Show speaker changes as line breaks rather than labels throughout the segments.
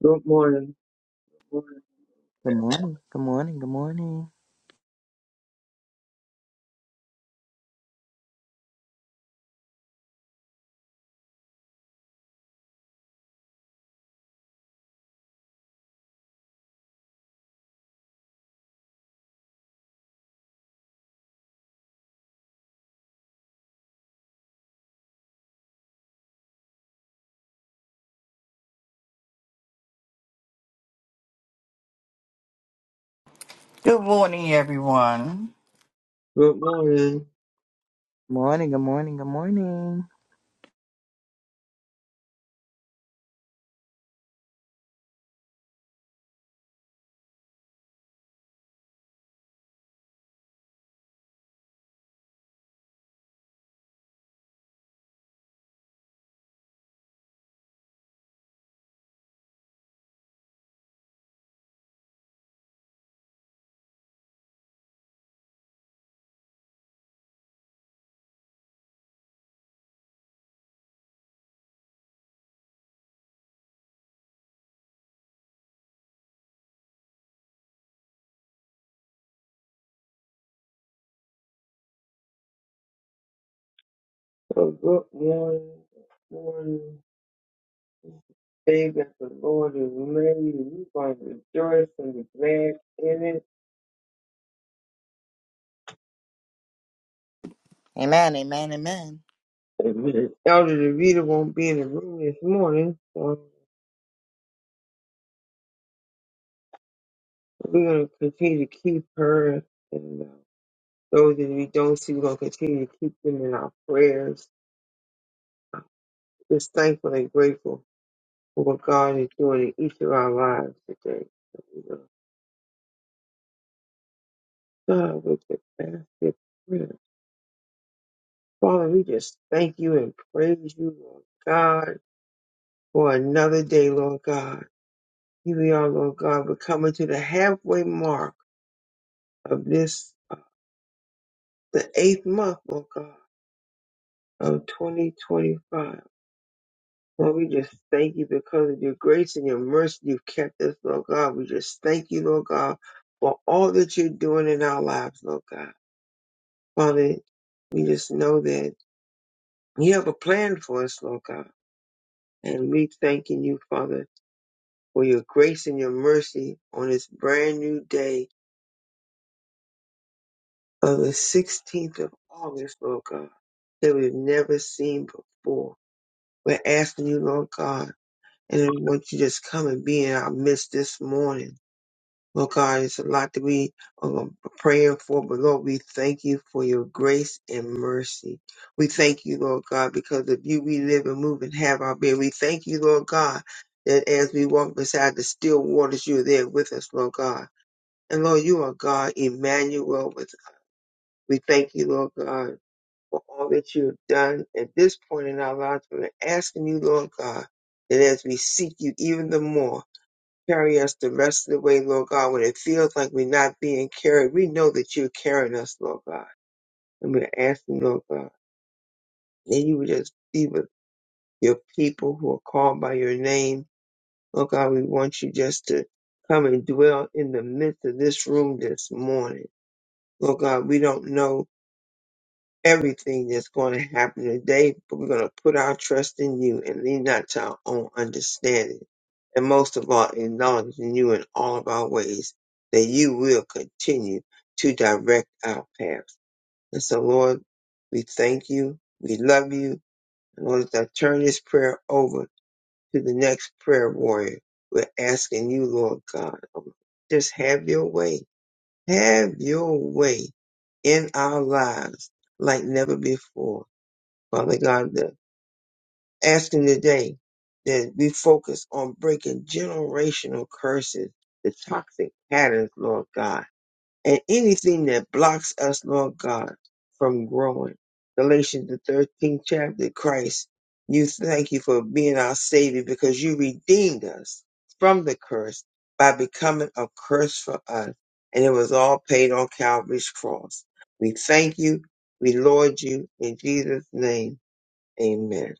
Good morning. Good
Good morning. Good morning. Good morning.
Good morning, everyone.
morning.
Good morning. Good morning. Good morning.
Oh, good morning. Good morning. Day that the Lord has made. We're going to rejoice and be glad in it.
Amen. Amen. Amen.
Amen. Elder DeVita won't be in the room this morning, so we're going to continue to keep her and uh, those that we don't see, we're going to continue to keep them in our prayers. Just thankful and grateful for what God is doing in each of our lives today. So we're going to start with the basket. prayer. Father, we just thank you and praise you, Lord God, for another day, Lord God. Here we are, Lord God. We're coming to the halfway mark of this, uh, the eighth month, Lord God, of 2025. Lord, we just thank you because of your grace and your mercy. You've kept us, Lord God. We just thank you, Lord God, for all that you're doing in our lives, Lord God. Father, we just know that you have a plan for us, Lord God. And we thanking you, Father for your grace and your mercy on this brand new day of the 16th of August, Lord God, that we've never seen before. We're asking you, Lord God, and we want you to just come and be in our midst this morning. Lord God, it's a lot that we are praying for, but Lord, we thank you for your grace and mercy. We thank you, Lord God, because of you we live and move and have our being. We thank you, Lord God, that as we walk beside the still waters, you're there with us, Lord God. And Lord, you are God, Emmanuel. With we thank you, Lord God, for all that you have done at this point in our lives. We're asking you, Lord God, that as we seek you even the more, carry us the rest of the way, Lord God. When it feels like we're not being carried, we know that you're carrying us, Lord God. And we're asking, Lord God, that you would just be with your people who are called by your name. Lord God, we want you just to come and dwell in the midst of this room this morning. Lord God, we don't know everything that's going to happen today, but we're going to put our trust in you and lean not to our own understanding. And most of all, acknowledging you in all of our ways, that you will continue to direct our paths. And so, Lord, we thank you. We love you. And Lord, as I turn this prayer over to the next prayer warrior, we're asking you, Lord God, um, just have your way. Have your way in our lives like never before Father God, the, asking today that we focus on breaking generational curses, the toxic patterns, Lord God, and anything that blocks us, Lord God, from growing. Galatians the 13th chapter, Christ, you thank you for being our Savior because you redeemed us from the curse by becoming a curse for us. And it was all paid on Calvary's cross. We thank you. We lord you in Jesus' name. Amen.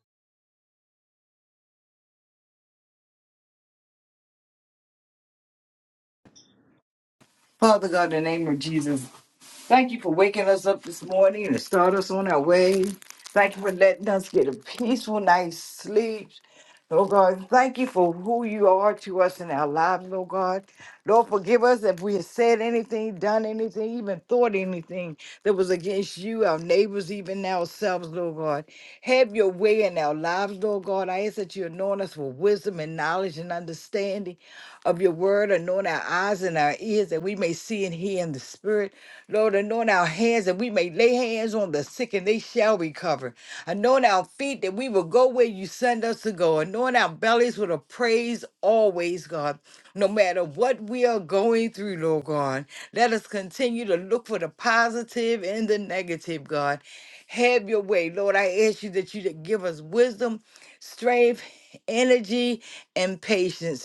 Father God, in the name of Jesus, Thank you for waking us up this morning and start us on our way. Thank you for letting us get a peaceful night's sleep. Lord God, thank you for who you are to us in our lives, Lord God. Lord, forgive us if we have said anything, done anything, even thought anything that was against you, our neighbors, even ourselves, Lord God. Have your way in our lives, Lord God. I ask that you anoint us with wisdom and knowledge and understanding of your word, anoint our eyes and our ears that we may see and hear in the spirit. Lord, anoint our hands that we may lay hands on the sick and they shall recover. Anoint our feet that we will go where you send us to go. Anoint our bellies with a praise always, God. No matter what we are going through, Lord God, let us continue to look for the positive and the negative, God. Have your way, Lord. I ask you that you to give us wisdom, strength, energy, and patience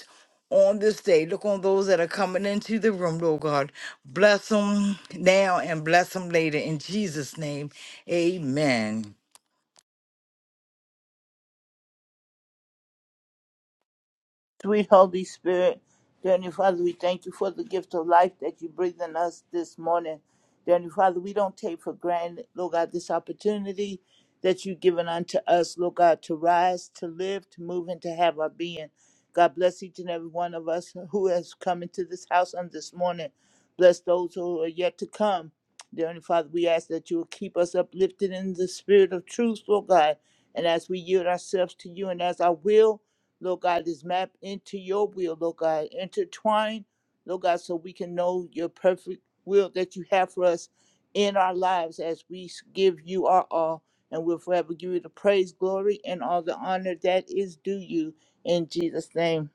on this day. Look on those that are coming into the room, Lord God. Bless them now and bless them later. In Jesus' name, amen.
Sweet Holy Spirit, dear Heavenly Father, we thank you for the gift of life that you breathe in us this morning. Dear Heavenly Father, we don't take for granted, Lord God, this opportunity that you've given unto us, Lord God, to rise, to live, to move, and to have our being. God bless each and every one of us who has come into this house on this morning. Bless those who are yet to come. Dear Heavenly Father, we ask that you will keep us uplifted in the spirit of truth, Lord God. And as we yield ourselves to you and as our will, Lord God, this map into your will, Lord God. Intertwine, Lord God, so we can know your perfect will that you have for us in our lives as we give you our all. And we'll forever give you the praise, glory, and all the honor that is due you in Jesus' name.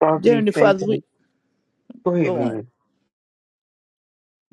Father,
Dear
we
Heavenly
thank
Father, we
you. Go ahead,
go on.
man.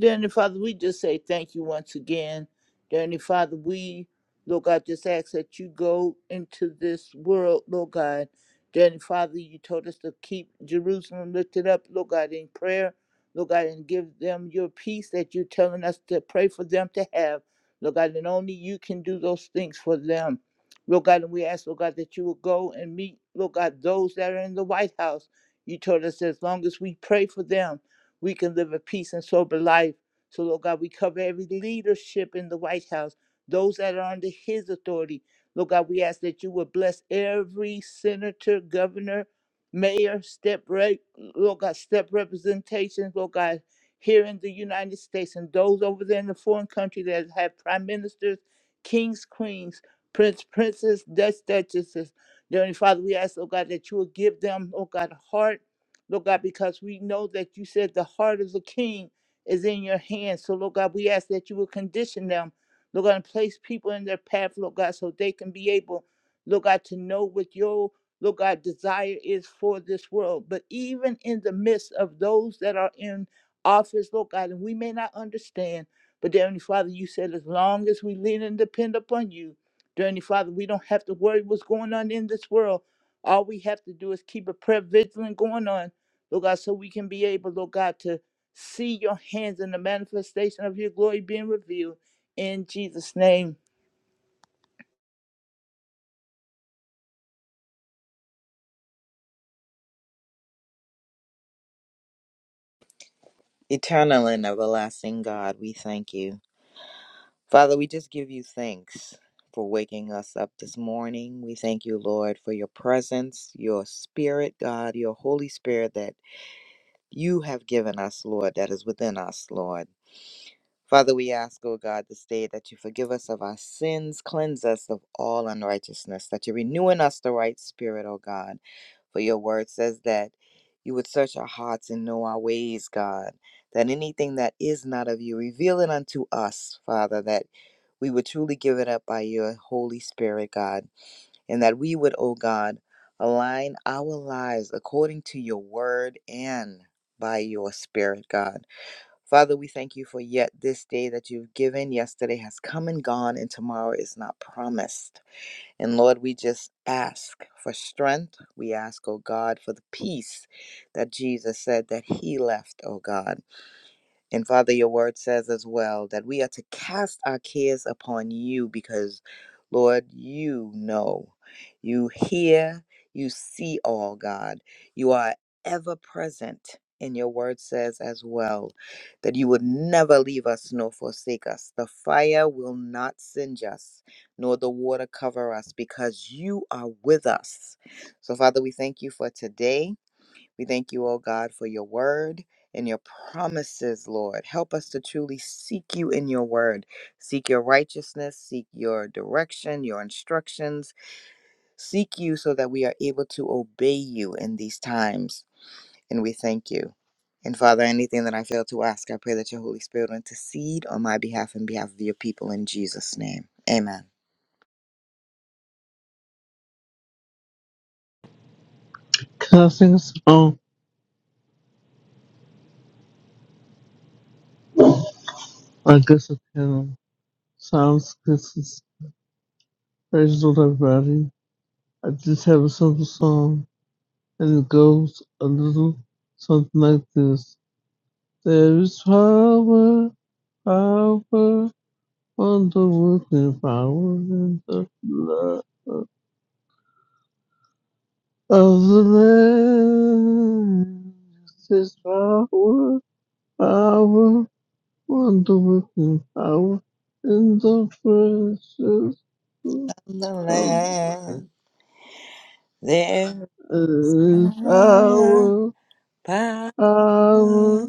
Dear Heavenly Father, we just say thank you once again. Dear Heavenly Father, we, Lord God, just ask that you go into this world, Lord God. Dear Heavenly Father, you told us to keep Jerusalem lifted up, Lord God, in prayer, Lord God, and give them your peace that you're telling us to pray for them to have, Lord God, and only you can do those things for them. Lord God, and we ask, Lord God, that you will go and meet, Lord God, those that are in the White House. You told us as long as we pray for them, we can live a peace and sober life. So, Lord God, we cover every leadership in the White House, those that are under his authority. Lord God, we ask that you would bless every senator, governor, mayor, step rep, Lord God, step representations, Lord God, here in the United States and those over there in the foreign country that have prime ministers, kings, queens, prince, princess, dutch, duchesses. Dear Heavenly Father, we ask, Lord God, that you will give them, Lord God, a heart Lord God, because we know that you said the heart of the king is in your hands. So, Lord God, we ask that you will condition them, Lord God, and place people in their path, Lord God, so they can be able, Lord God, to know what your, Lord God, desire is for this world. But even in the midst of those that are in office, Lord God, and we may not understand, but dear Heavenly Father, you said as long as we lean and depend upon you, dear Heavenly Father, we don't have to worry what's going on in this world. All we have to do is keep a prayer vigilant going on Lord God, so we can be able, Lord God, to see your hands in the manifestation of your glory being revealed in Jesus' name.
Eternal and everlasting God, we thank you. Father, we just give you thanks for waking us up this morning. We thank you, Lord, for your presence, your spirit, God, your Holy Spirit that you have given us, Lord, that is within us, Lord. Father, we ask, O God, this day that you forgive us of our sins, cleanse us of all unrighteousness, that you renew in us the right spirit, O God. For your word says that you would search our hearts and know our ways, God, that anything that is not of you, reveal it unto us, Father, that we would truly give it up by your Holy Spirit, God, and that we would, O God, align our lives according to your word and by your spirit, God. Father, we thank you for yet this day that you've given. Yesterday has come and gone, and tomorrow is not promised. And Lord, we just ask for strength. We ask, oh God, for the peace that Jesus said that he left, oh God. And Father, your word says as well that we are to cast our cares upon you because, Lord, you know, you hear, you see all, God. You are ever present. And your word says as well that you would never leave us nor forsake us. The fire will not singe us, nor the water cover us, because you are with us. So, Father, we thank you for today. We thank you, O God, for your word and your promises, Lord. Help us to truly seek you in your word. Seek your righteousness, seek your direction, your instructions. Seek you so that we are able to obey you in these times. And we thank you. And Father, anything that I fail to ask, I pray that your Holy Spirit will intercede on my behalf and behalf of your people in Jesus' name. Amen.
Casting's own I guess I can. Sounds good. It's praise the Lord, everybody. I just have a simple song, and it goes a little something like this. There is power, power, wonder-working power in the blood of the Lamb. There's power, power, wonder-working power in the precious.
On the
I
land, there is power,
will,
power
I will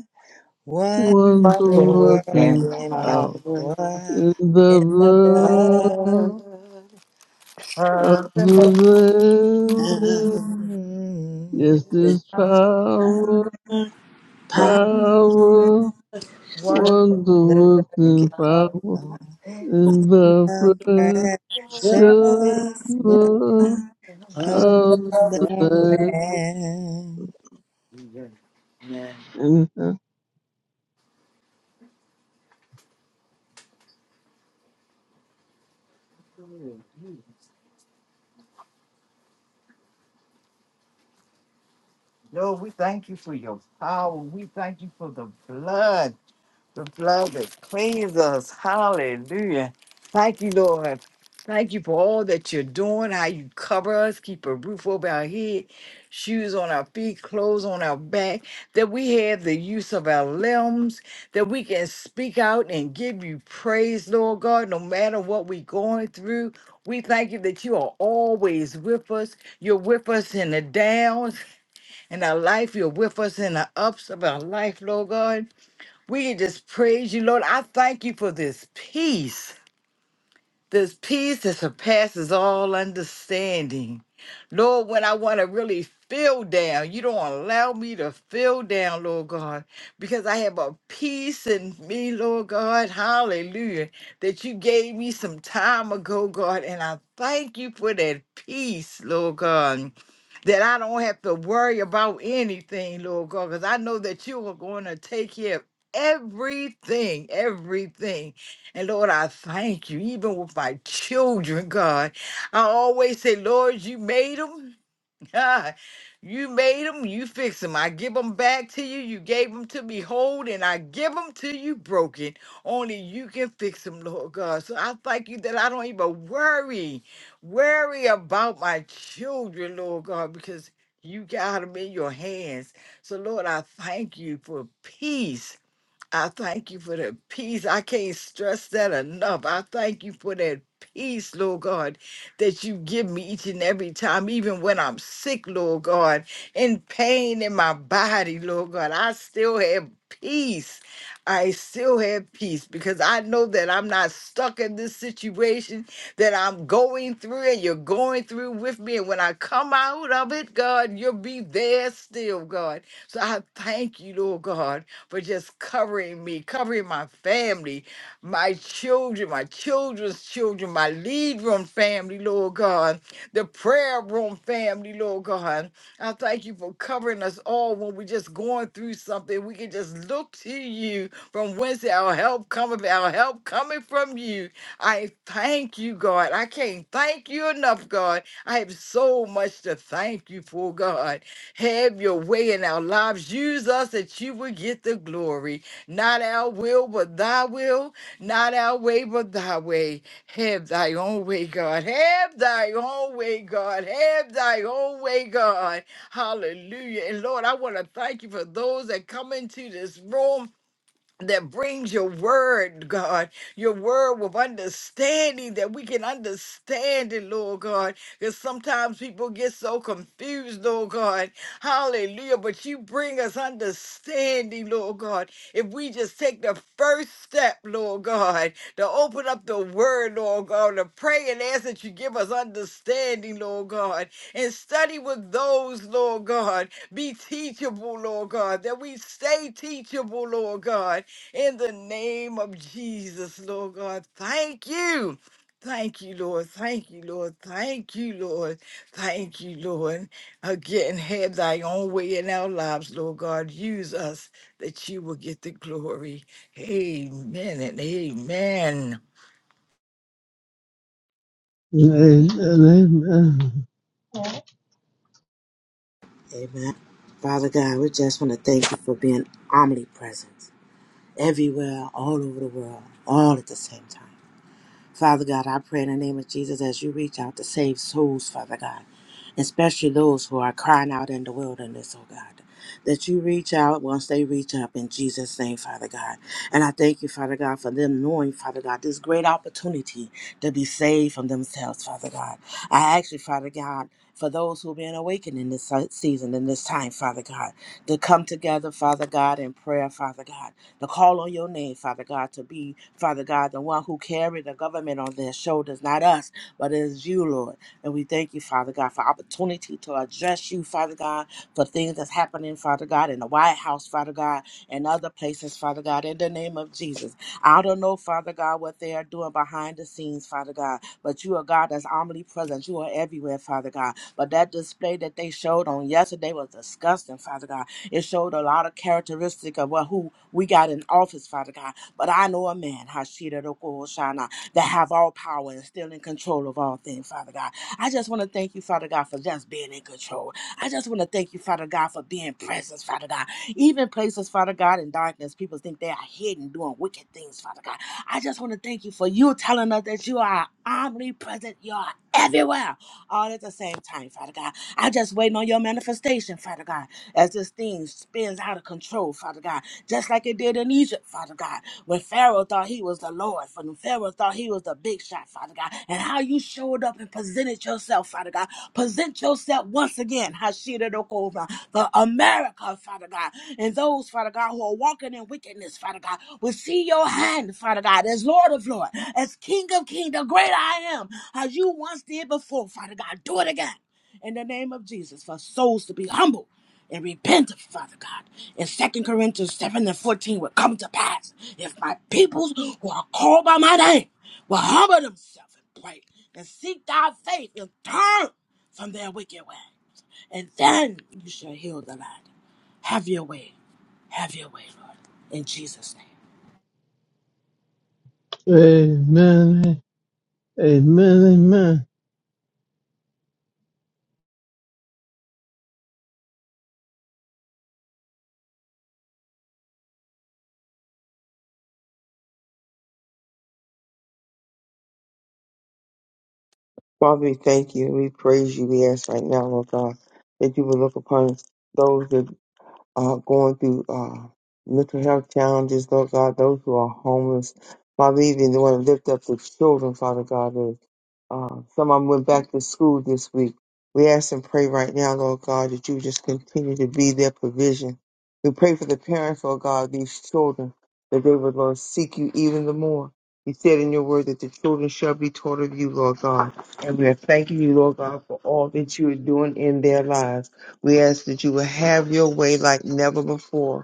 Wonder
want to work
working
out
power
in the
in the blood.
blood of the Lamb.
Amen.
Mm.
Yes, this power, power, want to
Wonder
work
working
in power
power
in
in
the
the
precious
precious blood
blood
of
of the
the Lamb.
Lamb. Amen.
Lord, we thank you for your power. We thank you for the blood. The blood that cleans us. Hallelujah. Thank you, Lord. Thank you for all that you're doing, how you cover us, keep a roof over our head, shoes on our feet, clothes on our back, that we have the use of our limbs, that we can speak out and give you praise, Lord God, no matter what we're going through. We thank you that you are always with us. You're with us in the downs in our life. You're with us in the ups of our life, Lord God. We can just praise you, Lord. I thank you for this peace. This peace that surpasses all understanding. Lord, when I want to really feel down, you don't allow me to feel down, Lord God, because I have a peace in me, Lord God. Hallelujah. That you gave me some time ago, God. And I thank you for that peace, Lord God. That I don't have to worry about anything, Lord God, because I know that you are going to take care of everything, everything. And Lord, I thank you, even with my children, God. I always say, Lord, you made them. you made them. You fix them. I give them back to you. You gave them to me whole, and I give them to you broken. Only you can fix them, Lord God. So I thank you that I don't even worry, worry about my children, Lord God, because you got them in your hands. So, Lord, I thank you for peace I thank you for that peace. I can't stress that enough. I thank you for that peace, Lord God, that you give me each and every time, even when I'm sick, Lord God, in pain in my body, Lord God. I still have peace. I still have peace because I know that I'm not stuck in this situation that I'm going through and you're going through with me. And when I come out of it, God, you'll be there still, God. So I thank you, Lord God for just covering me, covering my family, my children, my children's children, my lead room family, Lord God, the prayer room family, Lord God. I thank you for covering us all when we're just going through something. We can just look to you from whence our help cometh, our help coming from you. I thank you, God. I can't thank you enough, God. I have so much to thank you for, God. Have your way in our lives. Use us that you would get the glory. Not our will, but thy will. Not our way, but thy way. Have thy own way, God. Have thy own way, God. Have thy own way, God. Hallelujah. And Lord, I want to thank you for those that come into this room that brings your word, God, your word with understanding that we can understand it, Lord God. Because sometimes people get so confused, Lord God. Hallelujah. But you bring us understanding, Lord God. If we just take the first step, Lord God, to open up the word, Lord God, to pray and ask that you give us understanding, Lord God, and study with those, Lord God, be teachable, Lord God, that we stay teachable, Lord God in the name of Jesus, Lord God. Thank you. Thank you, Lord. Thank you, Lord. Thank you, Lord. Thank you, Lord. Again, have thy own way in our lives, Lord God. Use us that you will get the glory. Amen and amen.
Amen.
Father God, we just want to thank you for being omnipresent everywhere, all over the world, all at the same time. Father God, I pray in the name of Jesus as you reach out to save souls, Father God. especially those who are crying out in the wilderness, oh God. That you reach out once they reach up in Jesus' name, Father God. And I thank you, Father God, for them knowing, Father God, this great opportunity to be saved from themselves, Father God. I ask you, Father God, for those who've been awakened in this se- season, in this time, Father God, to come together, Father God, in prayer, Father God, to call on your name, Father God, to be, Father God, the one who carried the government on their shoulders, not us, but it is you, Lord. And we thank you, Father God, for opportunity to address you, Father God, for things that's happening, Father God, in the White House, Father God, and other places, Father God, in the name of Jesus. I don't know, Father God, what they are doing behind the scenes, Father God, but you are God that's omnipresent. You are everywhere, Father God. But that display that they showed on yesterday was disgusting, Father God. It showed a lot of characteristic of what who we got in office, Father God. But I know a man, Hashira Roko Hoshana, that have all power and still in control of all things, Father God. I just want to thank you, Father God, for just being in control. I just want to thank you, Father God, for being present, Father God. Even places, Father God, in darkness, people think they are hidden doing wicked things, Father God. I just want to thank you for you telling us that you are omnipresent, you are everywhere, all at the same time, Father God. I just waiting on your manifestation, Father God, as this thing spins out of control, Father God, just like it did in Egypt, Father God, when Pharaoh thought he was the Lord, when Pharaoh thought he was the big shot, Father God, and how you showed up and presented yourself, Father God. Present yourself once again, Hashira Dokova, for America, Father God, and those, Father God, who are walking in wickedness, Father God, will see your hand, Father God, as Lord of Lord, as King of King, the great I am, as you once did before, Father God. Do it again in the name of Jesus for souls to be humble and repentant, Father God. In Second Corinthians 7 and 14 will come to pass if my peoples who are called by my name will humble themselves and pray and seek thy faith and turn from their wicked ways. And then you shall heal the land. Have your way. Have your way, Lord. In Jesus' name.
Amen. Amen, amen,
Father, we thank you. We praise you. We ask right now, Lord God, that you will look upon those that uh, going through uh, mental health challenges, Lord God, those who are homeless. Father, even want to lift up the children, Father God. That, uh, some of them went back to school this week. We ask and pray right now, Lord God, that you just continue to be their provision. We pray for the parents, Lord God, of these children, that they would, Lord, seek you even the more. You said in your word that the children shall be taught of you, Lord God. And we are thanking you, Lord God, for all that you are doing in their lives. We ask that you will have your way like never before.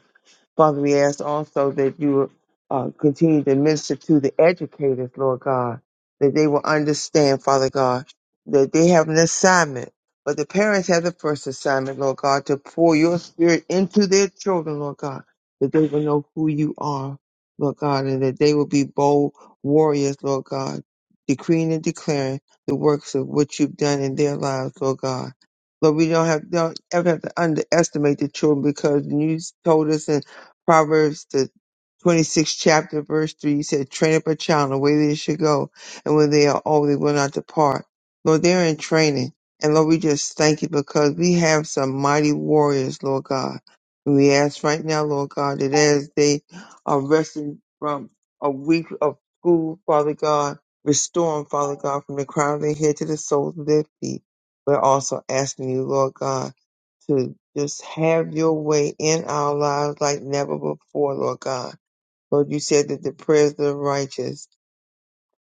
Father, we ask also that you uh, continue to minister to the educators, Lord God, that they will understand, Father God, that they have an assignment. But the parents have the first assignment, Lord God, to pour your spirit into their children, Lord God, that they will know who you are, Lord God, and that they will be bold warriors, Lord God, decreeing and declaring the works of what you've done in their lives, Lord God. Lord, we don't have don't ever have to underestimate the children because you told us Proverbs, the 26th chapter, verse 3 you said, Train up a child in the way they should go, and when they are old, they will not depart. Lord, they're in training. And Lord, we just thank you because we have some mighty warriors, Lord God. And we ask right now, Lord God, that as they are resting from a week of school, Father God, restore them, Father God, from the crown of their head to the soles of their feet. We're also asking you, Lord God to just have your way in our lives like never before, Lord God. Lord, you said that the prayers of the righteous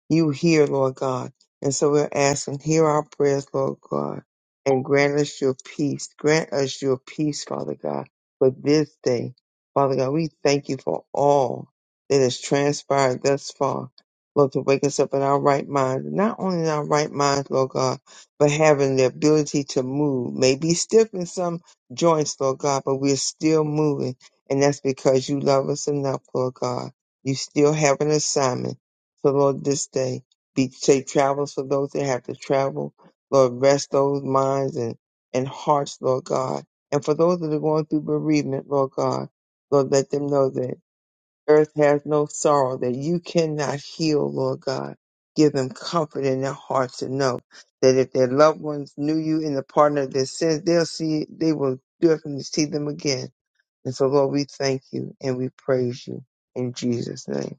you hear, Lord God. And so we're asking, hear our prayers, Lord God, and grant us your peace. Grant us your peace, Father God, for this day. Father God, we thank you for all that has transpired thus far. Lord, to wake us up in our right mind, not only in our right minds, Lord God, but having the ability to move. Maybe stiff in some joints, Lord God, but we're still moving. And that's because you love us enough, Lord God. You still have an assignment so Lord, this day be safe travels for those that have to travel. Lord, rest those minds and, and hearts, Lord God. And for those that are going through bereavement, Lord God, Lord, let them know that earth has no sorrow, that you cannot heal, Lord God. Give them comfort in their hearts to know that if their loved ones knew you in the pardon of their sins, they'll see, they will definitely see them again. And so, Lord, we thank you and we praise you in Jesus' name.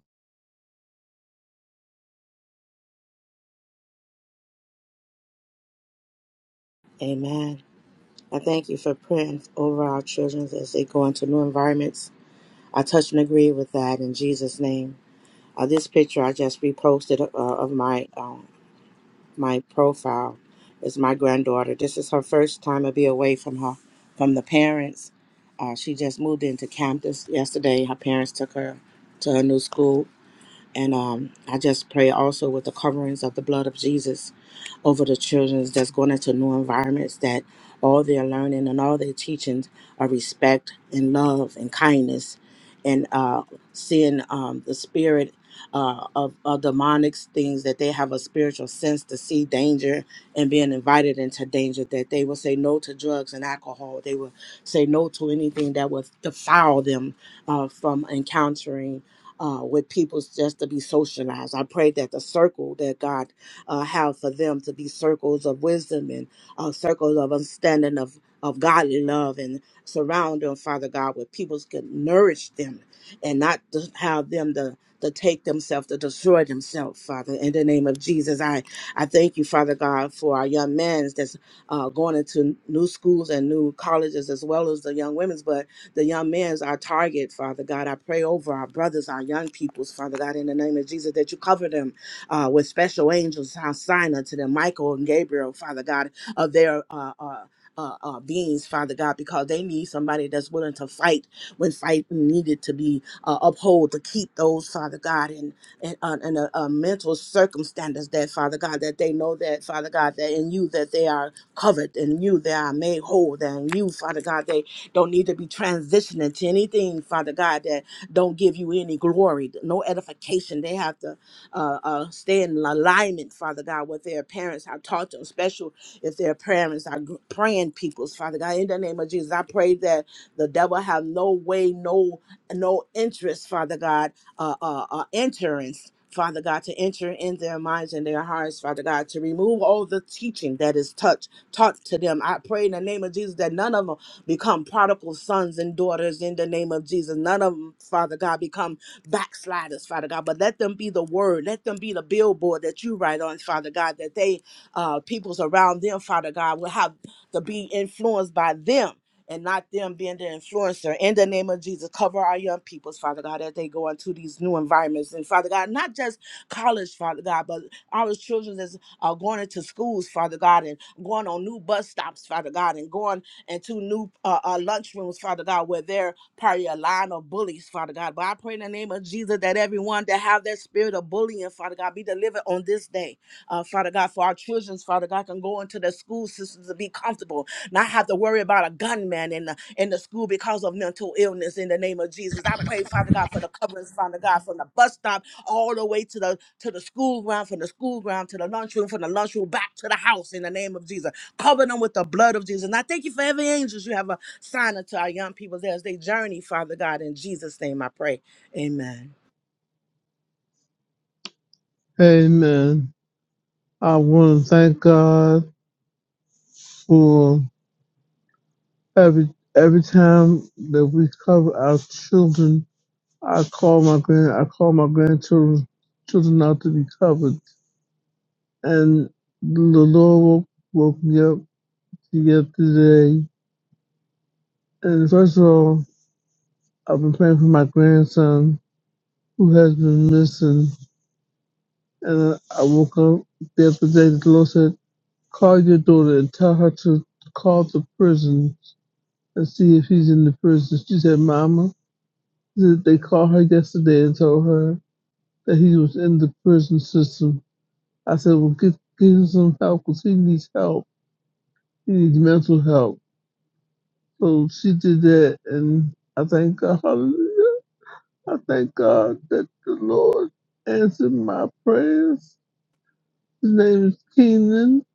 Amen. I thank you for praying over our children as they go into new environments. I touch and agree with that in Jesus' name. Uh, this picture I just reposted uh, of my um, my profile is my granddaughter. This is her first time to be away from her from the parents. Uh, she just moved into Camden yesterday. Her parents took her to her new school, and um, I just pray also with the coverings of the blood of Jesus over the children that's going into new environments that all their learning and all their teachings are respect and love and kindness and uh, seeing um, the spirit uh, of, of demonic things that they have a spiritual sense to see danger and being invited into danger that they will say no to drugs and alcohol they will say no to anything that would defile them uh, from encountering uh, with people just to be socialized. I pray that the circle that God uh, have for them to be circles of wisdom and uh, circles of understanding of of godly love and surround them, Father God, where people can nourish them and not to have them to, to take themselves, to destroy themselves, Father. In the name of Jesus, I, I thank you, Father God, for our young men that's uh, going into new schools and new colleges as well as the young women's. But the young man's our target, Father God. I pray over our brothers, our young peoples, Father God, in the name of Jesus, that you cover them uh, with special angels, how sign unto them, Michael and Gabriel, Father God, of their uh, uh, uh, uh, beings, Father God, because they need somebody that's willing to fight when fight needed to be uh, upheld to keep those, Father God, in in uh, and uh, uh, mental circumstances that father god that they know that father god that in you that they are covered in you they are made whole that in you father god they don't need to be transitioning to anything, Father God, that don't give you any glory, no edification. They have to uh, uh, stay in alignment, Father God, with their parents. I taught them, special if their parents are gr- praying peoples, Father God, in the name of Jesus, I pray that the devil have no way, no no interest, Father God, uh, uh, uh, entrance. Father God, to enter in their minds and their hearts, Father God, to remove all the teaching that is touched, taught to them. I pray in the name of Jesus that none of them become prodigal sons and daughters in the name of Jesus. None of them, Father God, become backsliders, Father God. But let them be the word. Let them be the billboard that you write on, Father God, that they, uh, peoples around them, Father God, will have to be influenced by them and not them being the influencer. In the name of Jesus, cover our young peoples, Father God, as they go into these new environments. And Father God, not just college, Father God, but our children that's are going into schools, Father God, and going on new bus stops, Father God, and going and two new uh, uh, lunchrooms, Father God, where they're probably a line of bullies, Father God. But I pray in the name of Jesus that everyone that have that spirit of bullying, Father God, be delivered on this day, uh, Father God, for our children's, Father God, can go into the school systems to be comfortable, not have to worry about a gunman in the, in the school because of mental illness in the name of Jesus. I pray, Father God, for the coverings, Father God, from the bus stop all the way to the to the school ground, from the school ground to the lunchroom, from the lunchroom back to the house in the name of Jesus. Cover them with the blood of Jesus. And I thank you for every angels you have a sign unto our young people there as they journey, Father God. In Jesus' name I pray. Amen.
amen. I want to thank God for every every time that we cover our children. I call my grand I call my grandchildren children out to be covered, and the Lord woke, woke me up yesterday. And first of all, I've been praying for my grandson who has been missing, and I woke up the other day. The Lord said, "Call your daughter and tell her to call the prison." and see if he's in the prison. She said, Mama, th- they called her yesterday and told her that he was in the prison system. I said, well, get, get him some help because he needs help. He needs mental help. So she did that, and I thank God. Hallelujah. I thank God that the Lord answered my prayers. His name is Kenan,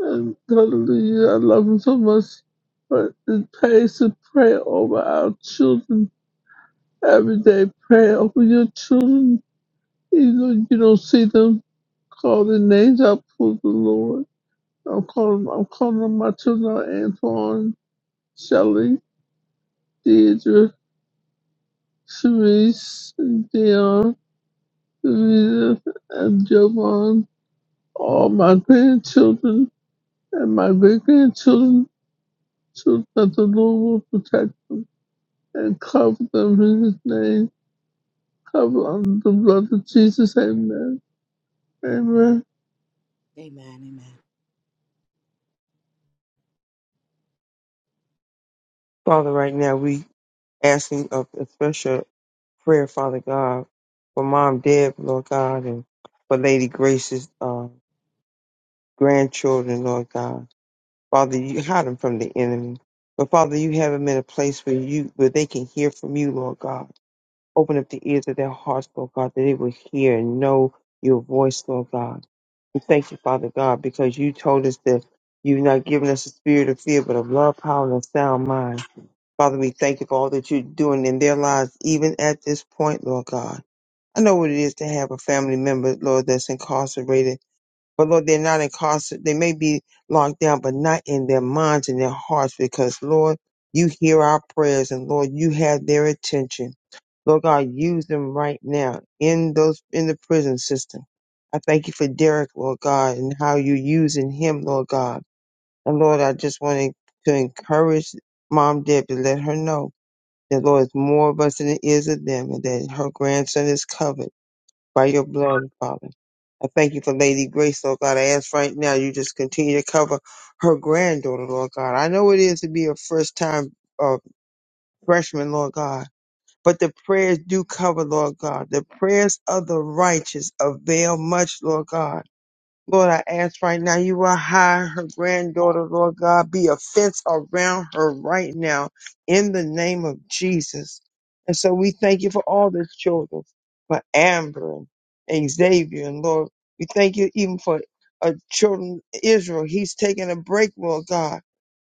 and hallelujah, I love him so much. But it pays to pray over our children Everyday prayer Open your children, even though you don't see them. Call their names out for the Lord. I'm calling, I'm calling on my children out, Antoine, Shelley, Deidre, Sharice, Dion, Rita, and Jovan. All my grandchildren and my great grandchildren, so that the Lord will protect and cover them in His name. Cover under the blood of Jesus. Amen. Amen.
Amen.
Father, right now we asking a, a special prayer, Father God, for Mom Deb, Lord God, and for Lady Grace's uh, grandchildren, Lord God. Father, you hide them from the enemy. But Father, you have them in a place where you where they can hear from you, Lord God. Open up the ears of their hearts, Lord God, that they will hear and know your voice, Lord God. We thank you, Father God, because you told us that you've not given us a spirit of fear, but of love, power, and a sound mind. Father, we thank you for all that you're doing in their lives, even at this point, Lord God. I know what it is to have a family member, Lord, that's incarcerated. But Lord, they're not incarcerated. They may be locked down, but not in their minds and their hearts because, Lord, you hear our prayers and Lord, you have their attention. Lord God, use them right now in those, in the prison system. I thank you for Derek, Lord God, and how you're using him, Lord God. And Lord, I just want to encourage Mom Deb to let her know the Lord is more of us than it is of them, and that her grandson is covered by your blood, Father. I thank you for Lady Grace, Lord God. I ask right now you just continue to cover her granddaughter, Lord God. I know it is to be a first time uh, freshman, Lord God, but the prayers do cover, Lord God. The prayers of the righteous avail much, Lord God. Lord, I ask right now you will hide her granddaughter, Lord God. Be a fence around her right now in the name of Jesus. And so we thank you for all the children, for Amber and Xavier, and Lord, we thank you even for uh, children Israel. He's taking a break, Lord God.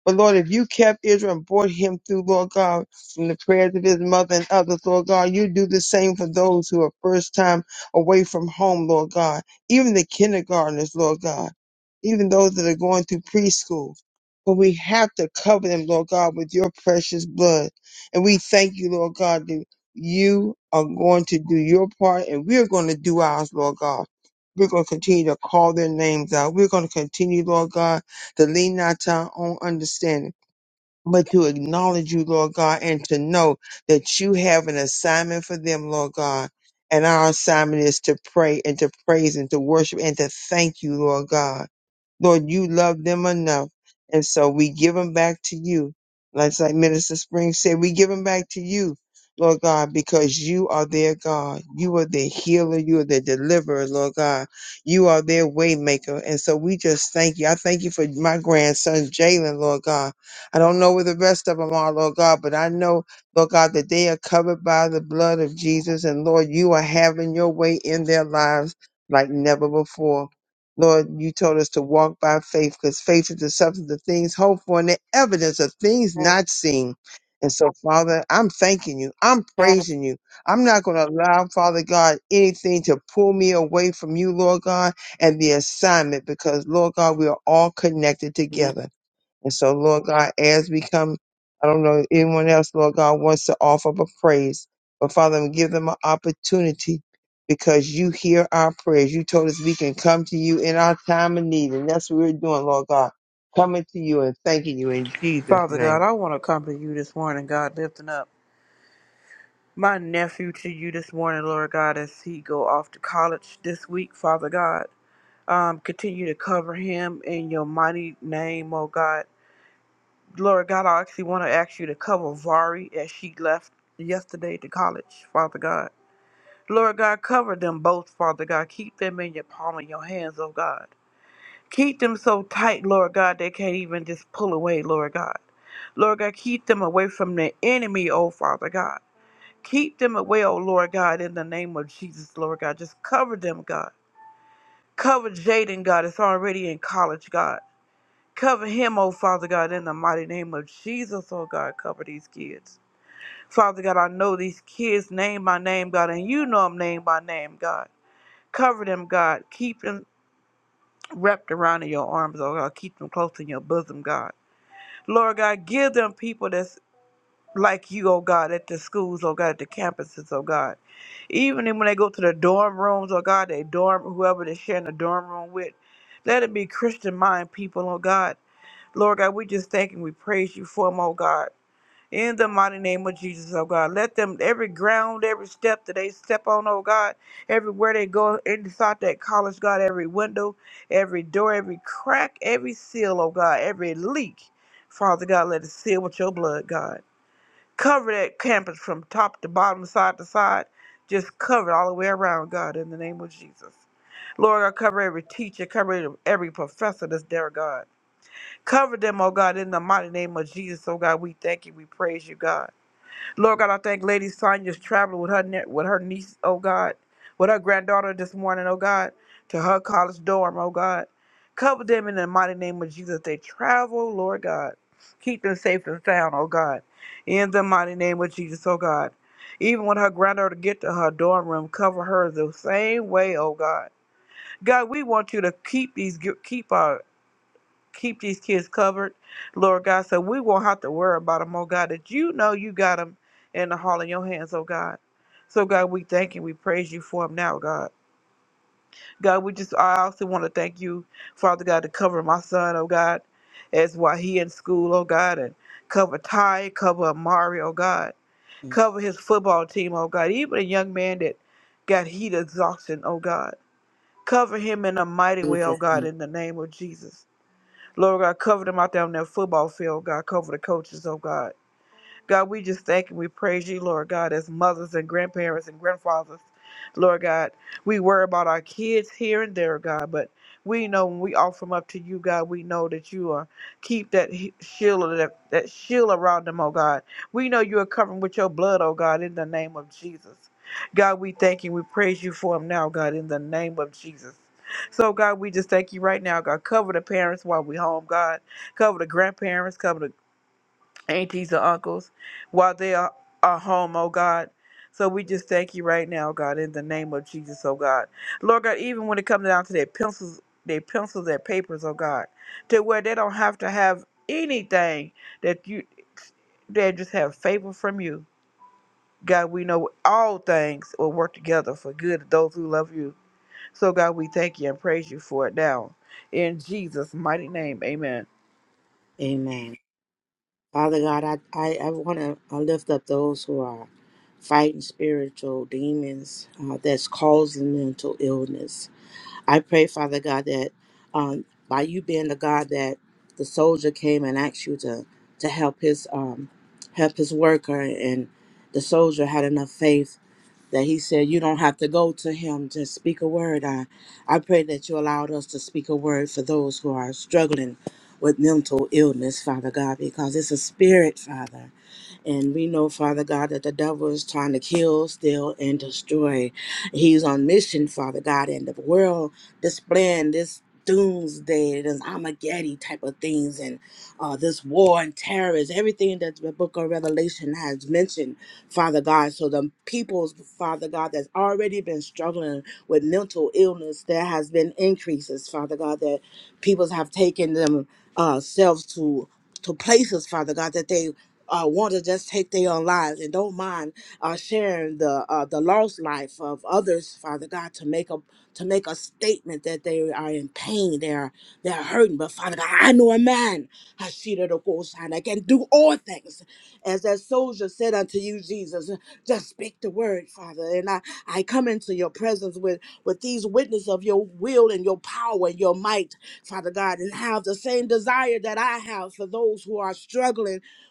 But Lord, if you kept Israel and brought him through, Lord God, from the prayers of his mother and others, Lord God, you do the same for those who are first time away from home, Lord God. Even the kindergartners, Lord God. Even those that are going through preschool. But we have to cover them, Lord God, with your precious blood. And we thank you, Lord God, that you are going to do your part and we're going to do ours, Lord God. We're going to continue to call their names out. We're going to continue, Lord God to lean not to our own understanding, but to acknowledge you, Lord God, and to know that you have an assignment for them, Lord God. And our assignment is to pray and to praise and to worship and to thank you, Lord God. Lord, you love them enough. And so we give them back to you. Like, like Minister Springs said, we give them back to you, Lord God, because you are their God. You are their healer. You are their deliverer, Lord God. You are their way maker. And so we just thank you. I thank you for my grandson, Jalen, Lord God. I don't know where the rest of them are, Lord God, but I know, Lord God, that they are covered by the blood of Jesus. And Lord, you are having your way in their lives like never before. Lord, you told us to walk by faith because faith is the substance of things hoped for and the evidence of things
Amen.
not seen. And so, Father, I'm thanking you. I'm praising you. I'm not going to allow, Father God, anything to pull me away from you, Lord God, and the assignment because, Lord God, we are all connected
Amen.
together. And so, Lord God, as we come, I don't know if anyone else, Lord God, wants to offer up a praise, but Father, give them an opportunity because you hear our prayers. You told us we can come to you in our time of need, and that's what we're doing, Lord God, coming to you and thanking you in Jesus'
Father God,
name.
I want to come to you this morning, God, lifting up my nephew to you this morning, Lord God, as he go off to college this week, Father God. Um, continue to cover him in your mighty name, oh God. Lord God, I actually want to ask you to cover Vari as she left yesterday to college, Father God. Lord God, cover them both, Father God. Keep them in your palm of your hands, oh God. Keep them so tight, Lord God, they can't even just pull away, Lord God. Lord God, keep them away from the enemy, oh Father God. Keep them away, oh Lord God, in the name of Jesus, Lord God. Just cover them, God. Cover Jaden, God, it's already in college, God. Cover him, oh Father God, in the mighty name of Jesus, oh God. Cover these kids. Father God, I know these kids name by name, God, and you know them name by name, God. Cover them, God. Keep them wrapped around in your arms, oh God. Keep them close in your bosom, God. Lord God, give them people that's like you, oh God, at the schools, oh God, at the campuses, oh God. Even when they go to the dorm rooms, oh God, they dorm whoever they're sharing the dorm room with. Let it be Christian mind people, oh God. Lord God, we just thank and we praise you for them, oh God. In the mighty name of Jesus, oh God, let them every ground, every step that they step on, oh God, everywhere they go inside that college, God, every window, every door, every crack, every seal, oh God, every leak, Father God, let it seal with your blood, God. Cover that campus from top to bottom, side to side. Just cover it all the way around, God, in the name of Jesus. Lord, I cover every teacher, cover every professor that's there, God. Cover them, oh God, in the mighty name of Jesus, oh God. We thank you, we praise you, God. Lord God, I thank Lady Sonia's traveling with her ne- with her niece, oh God, with her granddaughter this morning, oh God, to her college dorm, oh God. Cover them in the mighty name of Jesus. They travel, Lord God. Keep them safe and sound, oh God. In the mighty name of Jesus, oh God. Even when her granddaughter get to her dorm room, cover her the same way, oh God. God, we want you to keep these, keep our keep these kids covered, Lord God, so we won't have to worry about them, oh God, that you know you got them in the hall of your hands, oh God. So, God, we thank you. We praise you for them now, God. God, we just, I also want to thank you, Father God, to cover my son, oh God, as while he in school, oh God, and cover Ty, cover Amari, oh God,
In
cover his football team, oh God, even a young man that got heat exhaustion, oh God. Cover him in a mighty way, oh
Jesus'
God,
name.
in the name of Jesus. Lord God, cover them out there on that football field, God. Cover the coaches, oh God. God, we just thank and we praise you, Lord God, as mothers and grandparents and grandfathers. Lord God, we worry about our kids here and there, God, but we know when we offer them up to you, God, we know that you are keep that he- shield of that, that shield around them, oh God. We know you are covering with your blood, oh God, in the name of Jesus. God, we thank you. We praise you for them now, God, in the name of Jesus. So, God, we just thank you right now, God. Cover the parents while we home, God. Cover the grandparents. Cover the aunties or uncles while they are, are home, oh God. So we just thank you right now, God, in the name of Jesus, oh God. Lord God, even when it comes down to their pencils, their pencils, their papers, oh God, to where they don't have to have anything that you they just have favor from you. God, we know all things will work together for good to those who love you. So God, we thank you and praise you for it now. In Jesus' mighty name, amen.
Amen. Father God, I, I, I want to I lift up those who are fighting spiritual demons uh, that's causing mental illness. I pray, Father God, that um, by you being the God that the soldier came and asked you to to help his um, help his worker, and the soldier had enough faith that he said, "You don't have to go to him; just speak a word." I I pray that you allowed us to speak a word for those who are struggling with mental illness, Father God, because it's a spirit, Father and we know, Father God, that the devil is trying to kill, steal, and destroy. He's on mission, Father God, and the world displaying this doomsday, this Armageddon type of things, and uh, this war and terrorists, everything that the book of Revelation has mentioned, Father God. So the people's, Father God, that's already been struggling with mental illness, there has been increases, Father God, that peoples have taken themselves uh, selves to to places, Father God, that they uh, want to just take their own lives and don't mind uh, sharing the uh, the lost life of others, Father God, to make a to make a statement that they are in pain, they are they are hurting. But Father God, I know a man, Hashira the ghost sign, I can do all things, as that soldier said unto you, Jesus. Just speak the word, Father, and I I come into your presence with with these witness of your will and your power and your might, Father God, and have the same desire that I have for those who are struggling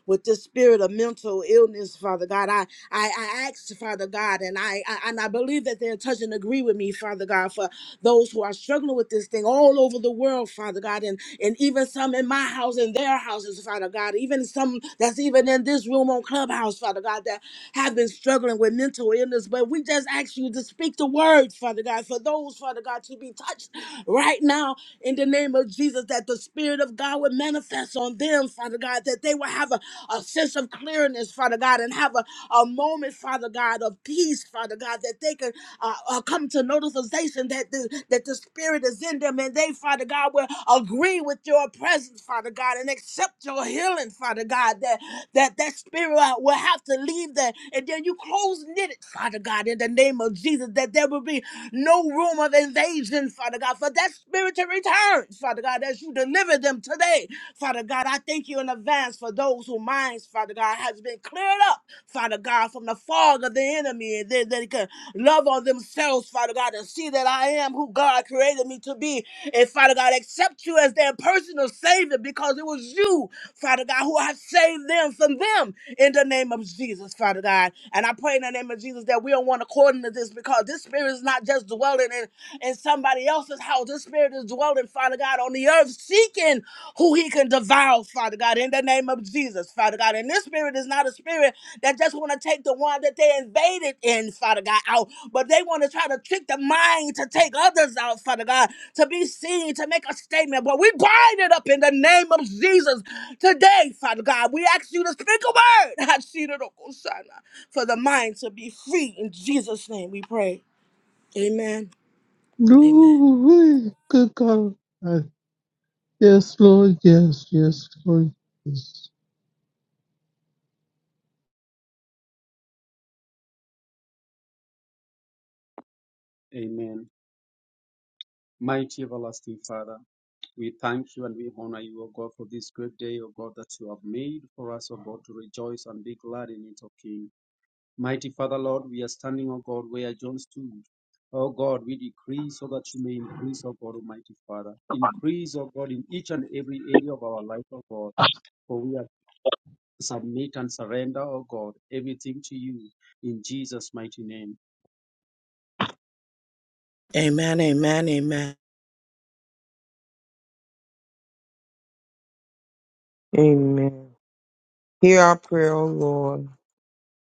with this spirit of mental illness, Father God. I I, I ask, Father God, and I, I and I believe that they're touch and agree with me, Father God, for those who are struggling with this thing all over the world, Father God, and and even some in my house and their houses, Father God, even some that's even in this room on Clubhouse, Father God, that have been struggling with mental illness. But we just ask you to speak the word, Father God, for those, Father God, to be touched right now in the name of Jesus, that the Spirit of God would manifest on them, Father God, that they will have a a sense of clearness, Father God, and have a, a moment, Father God, of peace, Father God, that they can uh, uh, come to notification that the, that the Spirit is in them and they, Father God, will agree with your presence, Father God, and accept your healing, Father God, that that, that Spirit will will have to leave there. And then you close knit it, Father God, in the name of Jesus, that there will be no room of invasion, Father God, for that Spirit to return, Father God, as you deliver them today Father God, I thank you in advance for those whose minds, Father God, has been cleared up, Father God, from the fog of the enemy, and that they can love on themselves, Father God, and see that I am who God created me to be. And Father God, accept you as their personal Savior because it was you, Father God, who has saved them from them in the name of Jesus, Father God. And I pray in the name of Jesus that we don't want according to this because this spirit is not just dwelling in, in somebody else's house. This spirit is dwelling, Father God, on the earth, seeking who he can devour, Father God, in the name of Jesus, Father God. And this spirit is not a spirit that just want to take the one that they invaded in, Father God, out, but they want to try to trick the mind to take others out, Father God, to be seen, to make a statement. But we bind it up in the name of Jesus today, Father God. We ask you to speak a word, Hashirokosana, for the mind to be free. In Jesus' name we pray. Amen. Amen.
No way, good God. Uh, Yes, Lord, yes, yes, Lord, yes.
Amen. Mighty everlasting Father, we thank you and we honor you, O God, for this great day, O God, that you have made for us, O God, to rejoice and be glad in it, O King. Mighty Father, Lord, we are standing, O God, where John stood. O God, we decrease so that you may increase, O God, Almighty Father. Increase, O God, in each and every area of our life, O God, for we are submit and surrender, O God, everything to you in Jesus' mighty name.
Amen. Amen. Amen.
Amen. Hear our prayer, O Lord,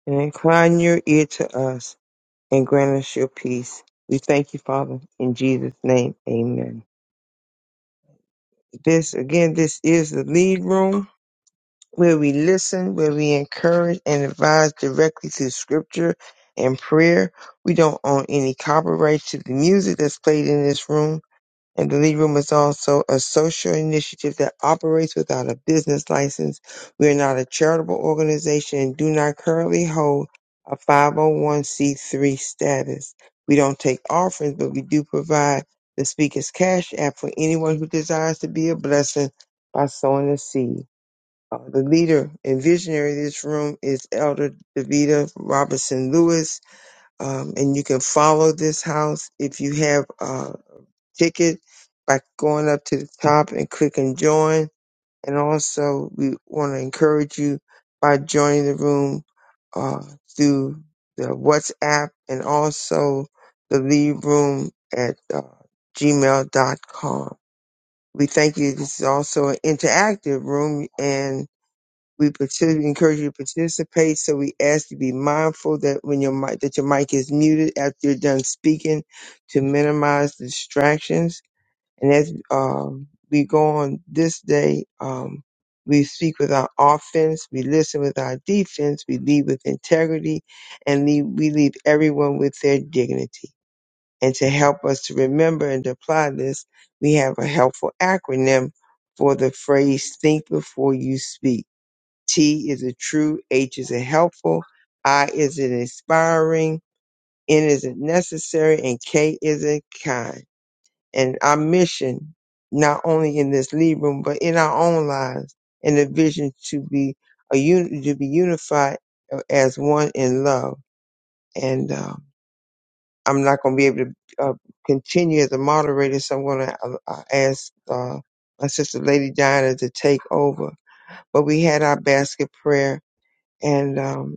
and incline your ear to us and grant us your peace. We thank you, Father, in Jesus' name. Amen. This, again, this is the lead room. where we listen, where we encourage and advise directly to scripture and prayer. We don't own any copyright to the music that's played in this room. And the Lead Room is also a social initiative that operates without a business license. We are not a charitable organization and do not currently hold a 501c3 status. We don't take offerings, but we do provide the Speaker's Cash App for anyone who desires to be a blessing by sowing a seed. Uh, the leader and visionary of this room is Elder Davita Robinson Lewis. Um, and you can follow this house if you have a ticket by going up to the top and clicking join. And also, we want to encourage you by joining the room uh, through the WhatsApp and also the lead room at uh, gmail.com. We thank you. This is also an interactive room and we partic- encourage you to participate, so we ask you to be mindful that when your mic that your mic is muted after you're done speaking, to minimize distractions. And as um, we go on this day, um, we speak with our offense, we listen with our defense, we lead with integrity, and leave, we leave everyone with their dignity. And to help us to remember and to apply this, we have a helpful acronym for the phrase "Think before you speak." T is it true? H is it helpful? I is it inspiring? N is it necessary? And K is it kind? And our mission, not only in this lead room, but in our own lives, and the vision to be a unit, to be unified uh, as one in love. And um, I'm not going to be able to uh, continue as a moderator, so I'm going to uh, uh, ask uh, my sister, Lady Diana, to take over. But we had our basket prayer, and um,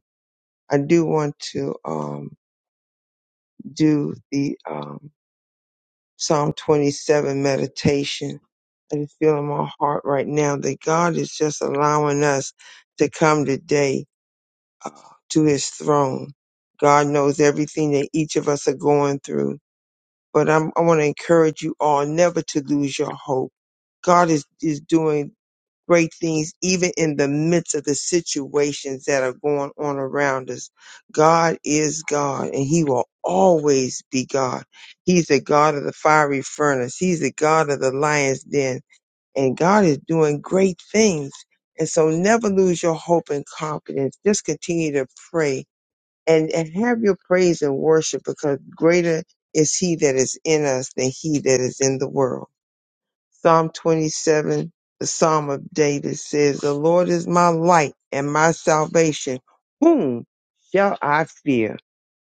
I do want to um, do the um, Psalm 27 meditation. I just feel in my heart right now that God is just allowing us to come today uh, to His throne. God knows everything that each of us are going through, but I'm, I want to encourage you all never to lose your hope. God is is doing great things, even in the midst of the situations that are going on around us. God is God and he will always be God. He's the God of the fiery furnace. He's the God of the lion's den and God is doing great things. And so never lose your hope and confidence. Just continue to pray and, and have your praise and worship because greater is he that is in us than he that is in the world. Psalm 27, the Psalm of David says, The Lord is my light and my salvation. Whom shall I fear?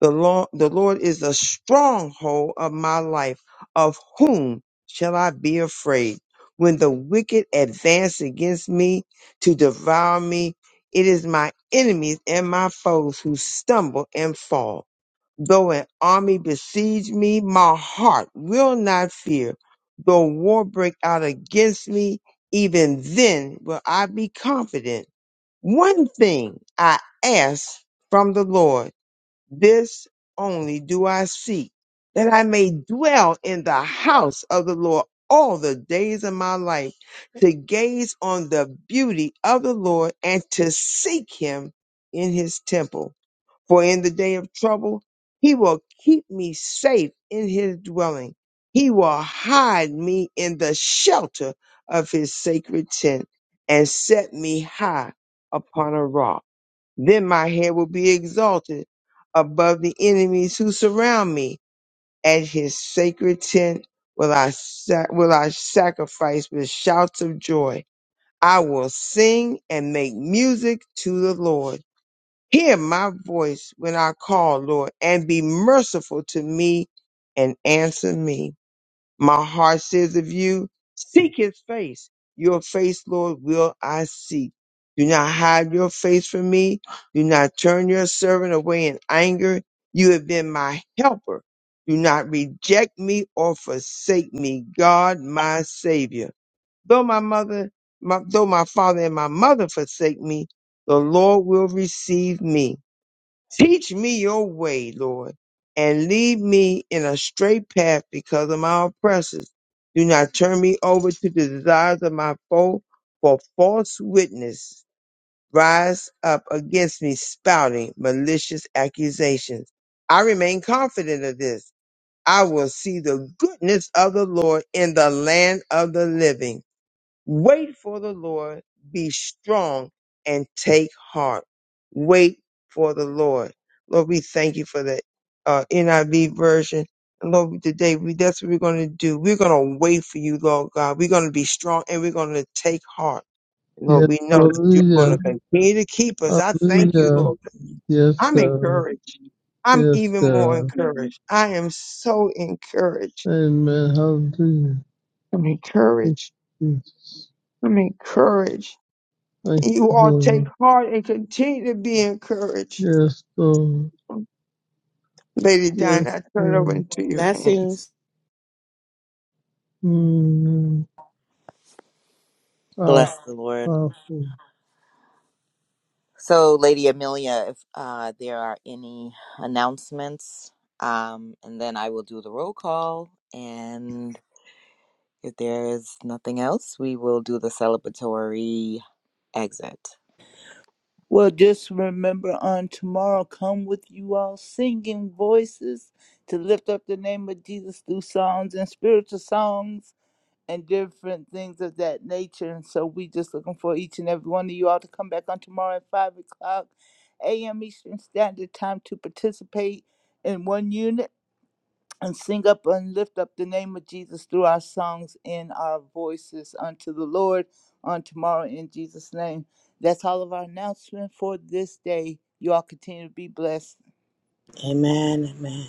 The Lord, the Lord is the stronghold of my life. Of whom shall I be afraid? When the wicked advance against me to devour me, it is my enemies and my foes who stumble and fall. Though an army besiege me, my heart will not fear. Though war break out against me, even then will I be confident. One thing I ask from the Lord, this only do I seek, that I may dwell in the house of the Lord all the days of my life, to gaze on the beauty of the Lord and to seek him in his temple. For in the day of trouble, he will keep me safe in his dwelling. He will hide me in the shelter of his sacred tent and set me high upon a rock. Then my head will be exalted above the enemies who surround me. At his sacred tent will I, sac- will I sacrifice with shouts of joy. I will sing and make music to the Lord. Hear my voice when I call, Lord, and be merciful to me and answer me. My heart says of you, seek his face. Your face, Lord, will I seek. Do not hide your face from me. Do not turn your servant away in anger. You have been my helper. Do not reject me or forsake me, God, my savior. Though my mother, my, though my father and my mother forsake me, the Lord will receive me. Teach me your way, Lord, and lead me in a straight path because of my oppressors. Do not turn me over to the desires of my foe, for false witness rise up against me, spouting malicious accusations. I remain confident of this. I will see the goodness of the Lord in the land of the living. Wait for the Lord. Be strong and take heart. Wait for the Lord. Lord, we thank you for that uh, NIV version. And Lord, we- today we that's what we're going to do. We're going to wait for you, Lord God. We're going to be strong and we're going to take heart. Lord,
Yes,
we know that you're going to
hallelujah,
continue to keep us. I thank you,
hallelujah.
Lord.
Yes,
I'm
God,
encouraged. I'm
yes,
even more
God.
encouraged. I am so encouraged.
Amen, hallelujah.
I'm
Thank
encouraged.
you, Jesus.
I'm encouraged.
Thank
You
you,
all take
Lord.
heart and continue to be encouraged.
Yes, Lord,
Lady
yes,
Diana, I turn it over
Lord.
into your hands.
Blessings.
Mm, powerful,
Bless the Lord.
powerful.
So, Lady Amelia, if uh, there are any announcements, um, and then I will do the roll call. and. If there is nothing else, we will do the celebratory exit.
Well, just remember on tomorrow, come with you all singing voices to lift up the name of Jesus through songs and spiritual songs and different things of that nature. And so we just looking for each and every one of you all to come back on tomorrow at 5 o'clock a.m. Eastern Standard Time to participate in one unit. and sing up and lift up the name of Jesus through our songs and our voices unto the Lord on tomorrow in Jesus' name. That's all of our announcement for this day. You all continue to be blessed.
Amen. Amen.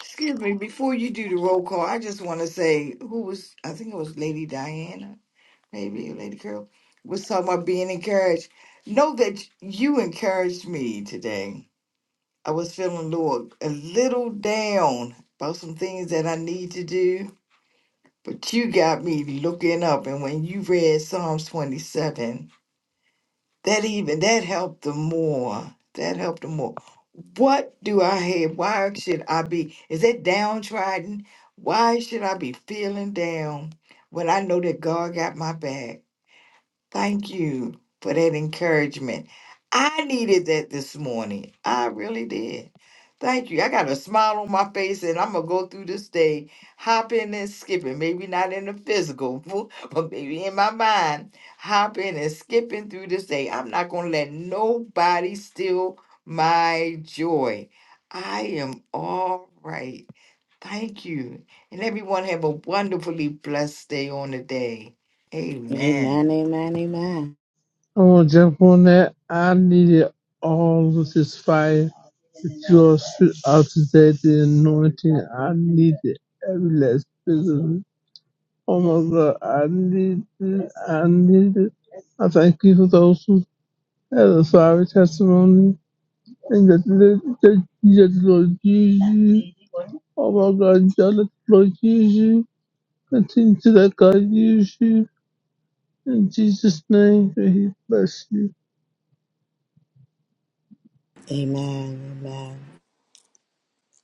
Excuse me, before you do the roll call, I just want to say who was, I think it was Lady Diana, maybe, or Lady Carol, was talking about being encouraged. Know that you encouraged me today. I was feeling a little, a little down about some things that I need to do, but you got me looking up. And when you read Psalms 27, that even that helped the more. That helped the more. What do I have? Why should I be? Is that downtrodden? Why should I be feeling down when I know that God got my back? Thank you for that encouragement. I needed that this morning. I really did. Thank you. I got a smile on my face and I'm going to go through this day hopping and skipping. Maybe not in the physical, but maybe in my mind, hopping and skipping through this day. I'm not going to let nobody steal my joy. I am all right. Thank you. And everyone have a wonderfully blessed day on the day. Amen.
Amen, amen, amen.
I want to jump on that. I needed all of this fire that you all spit out today, the anointing. I needed every last bit of it. Oh my God, I need it. I need it. I thank you for those who had a fiery testimony and that that- that you let the Lord use you. Oh my God, you let the Lord use you. Continue to let God use you. In Jesus' name, may He bless you.
Amen, amen.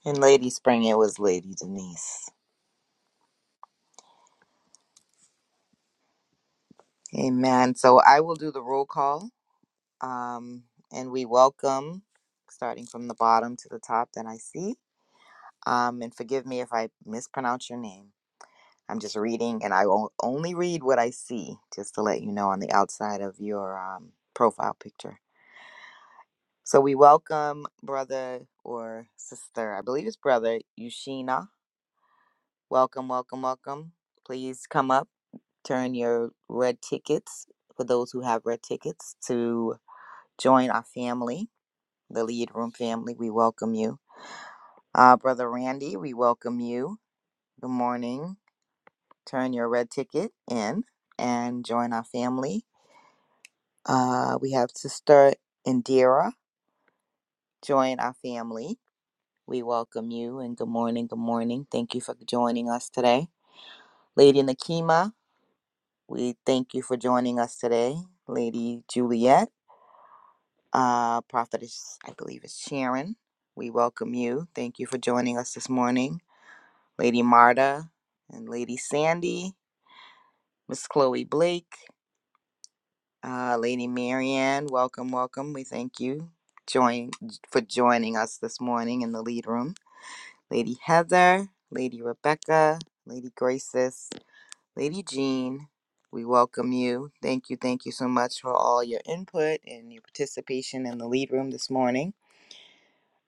And Lady Spring, it was Lady Denise. Amen. So I will do the roll call. Um, and we welcome, starting from the bottom to the top that I see. Um, and forgive me if I mispronounce your name. I'm just reading, and I will only read what I see, just to let you know on the outside of your um, profile picture. So we welcome brother or sister, I believe it's brother, Yushina. Welcome, welcome, welcome. Please come up, turn your red tickets for those who have red tickets to join our family, the Lead Room family. We welcome you. Uh, Brother Randy, we welcome you. Good morning. Turn your red ticket in and join our family. Uh, we have Sister Indira. Join our family. We welcome you and good morning. Good morning. Thank you for joining us today. Lady Nakima, We thank you for joining us today, Lady Juliet, uh, Prophetess, I believe it's Sharon. We welcome you. Thank you for joining us this morning, Lady Marta and Lady Sandy, Miss Chloe Blake, uh, Lady Marianne. Welcome, welcome. We thank you join for joining us this morning in the lead room, Lady Heather, Lady Rebecca, Lady Graces. Lady Jean, we welcome you. Thank you, thank you so much for all your input and your participation in the lead room this morning.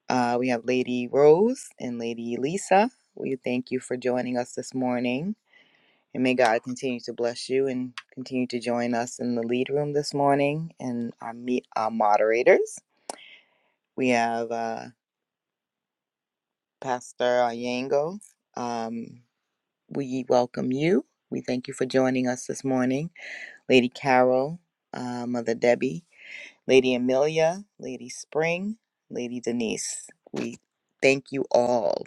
Uh, we have Lady Rose and Lady Lisa. We thank you for joining us this morning. And may God continue to bless you and continue to join us in the lead room this morning and our, meet, our moderators. We have uh, Pastor Ayango. Um, we welcome you. We thank you for joining us this morning. Lady Carol, uh, Mother Debbie, Lady Amelia, Lady Spring, Lady Denise. We thank you all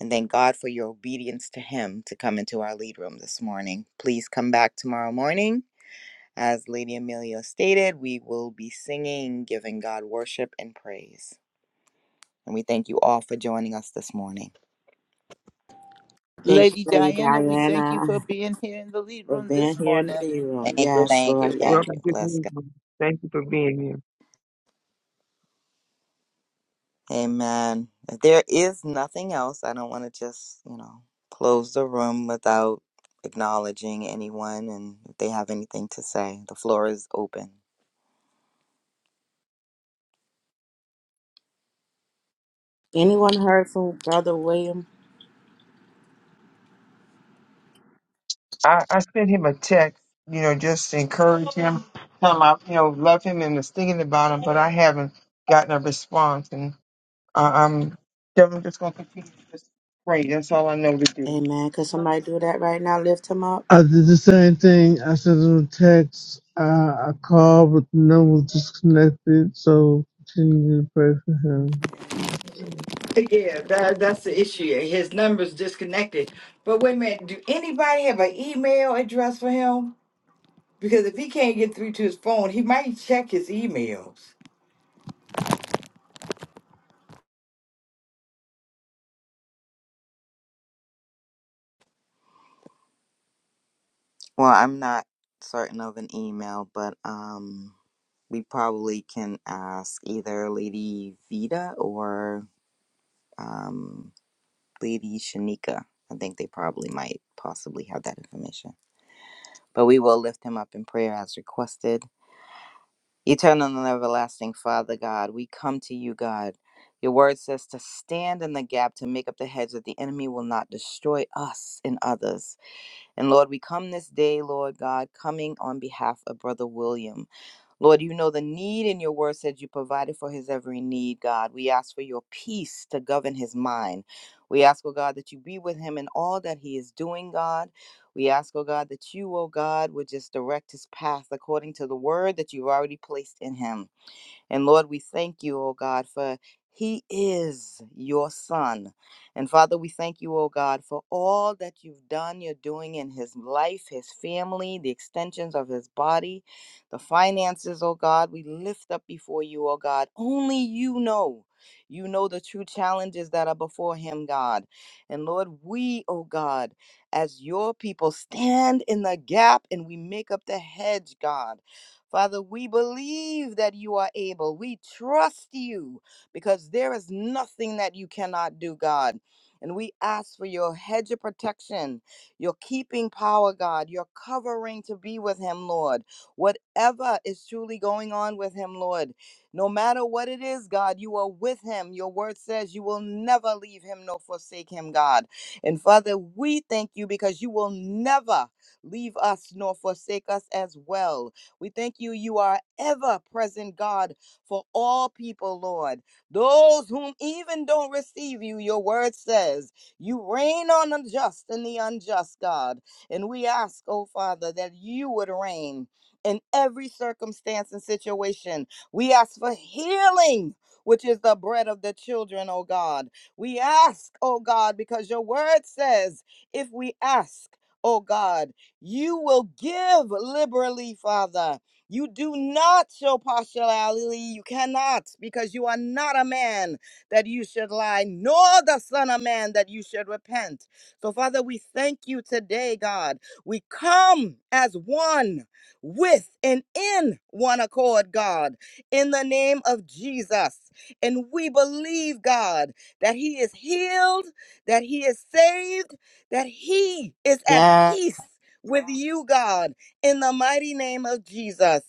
and thank God for your obedience to Him to come into our lead room this morning. Please come back tomorrow morning. As Lady Amelia stated, we will be singing, giving God worship and praise. And we thank you all for joining us this morning.
Thank you,
Lady
Lady
Diana, we thank you
Diana,
for being here in the lead
for
room
being
this
here in the
morning.
meeting room.
Thank you,
Yes,
thank
Lord,
you,
Well,
yes.
thank
I
you.
just
Bless God.
need you. thank you for being here.
Amen. If there is nothing else, I don't want to just, you know, close the room without acknowledging anyone and if they have anything to say. The floor is open.
Anyone heard from Brother William?
I, I sent him a text, you know, just to encourage him. Tell him I, you know, love him and was thinking about him, but I haven't gotten a response. And I, I'm, I'm just going to continue to just pray. That's all I know to do.
Amen. Could somebody do that right now? Lift him up.
I did the same thing. I sent them a text. Uh, I called, but the number was disconnected. So continue to pray for him.
Amen.
Yeah, that, that's the issue. His number's disconnected. But wait a minute, do anybody have an email address for him? Because if he can't get through to his phone, he might check his emails.
Well, I'm not certain of an email, but um we probably can ask either Lady Vita or um Lady Shanika. I think they probably might possibly have that information. But we will lift him up in prayer as requested. Eternal and everlasting Father God, we come to you, God. Your word says to stand in the gap to make up the hedge that the enemy will not destroy us and others. And Lord, we come this day, Lord God, coming on behalf of Brother William. Lord, you know the need, and your word said you provided for his every need, God. We ask for your peace to govern his mind. We ask, oh God, that you be with him in all that he is doing, God. We ask, oh God, that you, oh God, would just direct his path according to the word that you've already placed in him. And Lord, we thank you, oh God, for he is your son. And Father, we thank you, oh God, for all that you've done, you're doing in his life, his family, the extensions of his body, the finances, oh God. We lift up before you, oh God. Only you know. You know the true challenges that are before him, God. And Lord, we, oh God, as your people, stand in the gap and we make up the hedge, God. Father, we believe that you are able. We trust you because there is nothing that you cannot do, God. And we ask for your hedge of protection, your keeping power, God, your covering to be with him, Lord. Whatever is truly going on with him, Lord, no matter what it is, God, you are with him. Your word says you will never leave him nor forsake him, God. And Father, we thank you because you will never leave us nor forsake us as well. We thank you, you are ever present, God, for all people, Lord. Those whom even don't receive you, your word says, you reign on the just and the unjust, God. And we ask, oh Father, that you would reign in every circumstance and situation. We ask for healing. Which is the bread of the children, oh God. We ask, oh God, because your word says, if we ask, oh God. You will give liberally, Father. You do not show partiality. You cannot, because you are not a man that you should lie, nor the Son of Man that you should repent. So, Father, we thank you today, God. We come as one with and in one accord, God, in the name of Jesus. And we believe, God, that He is healed, that He is saved, that He is at
Yeah.
peace with you, God, in the mighty name of Jesus.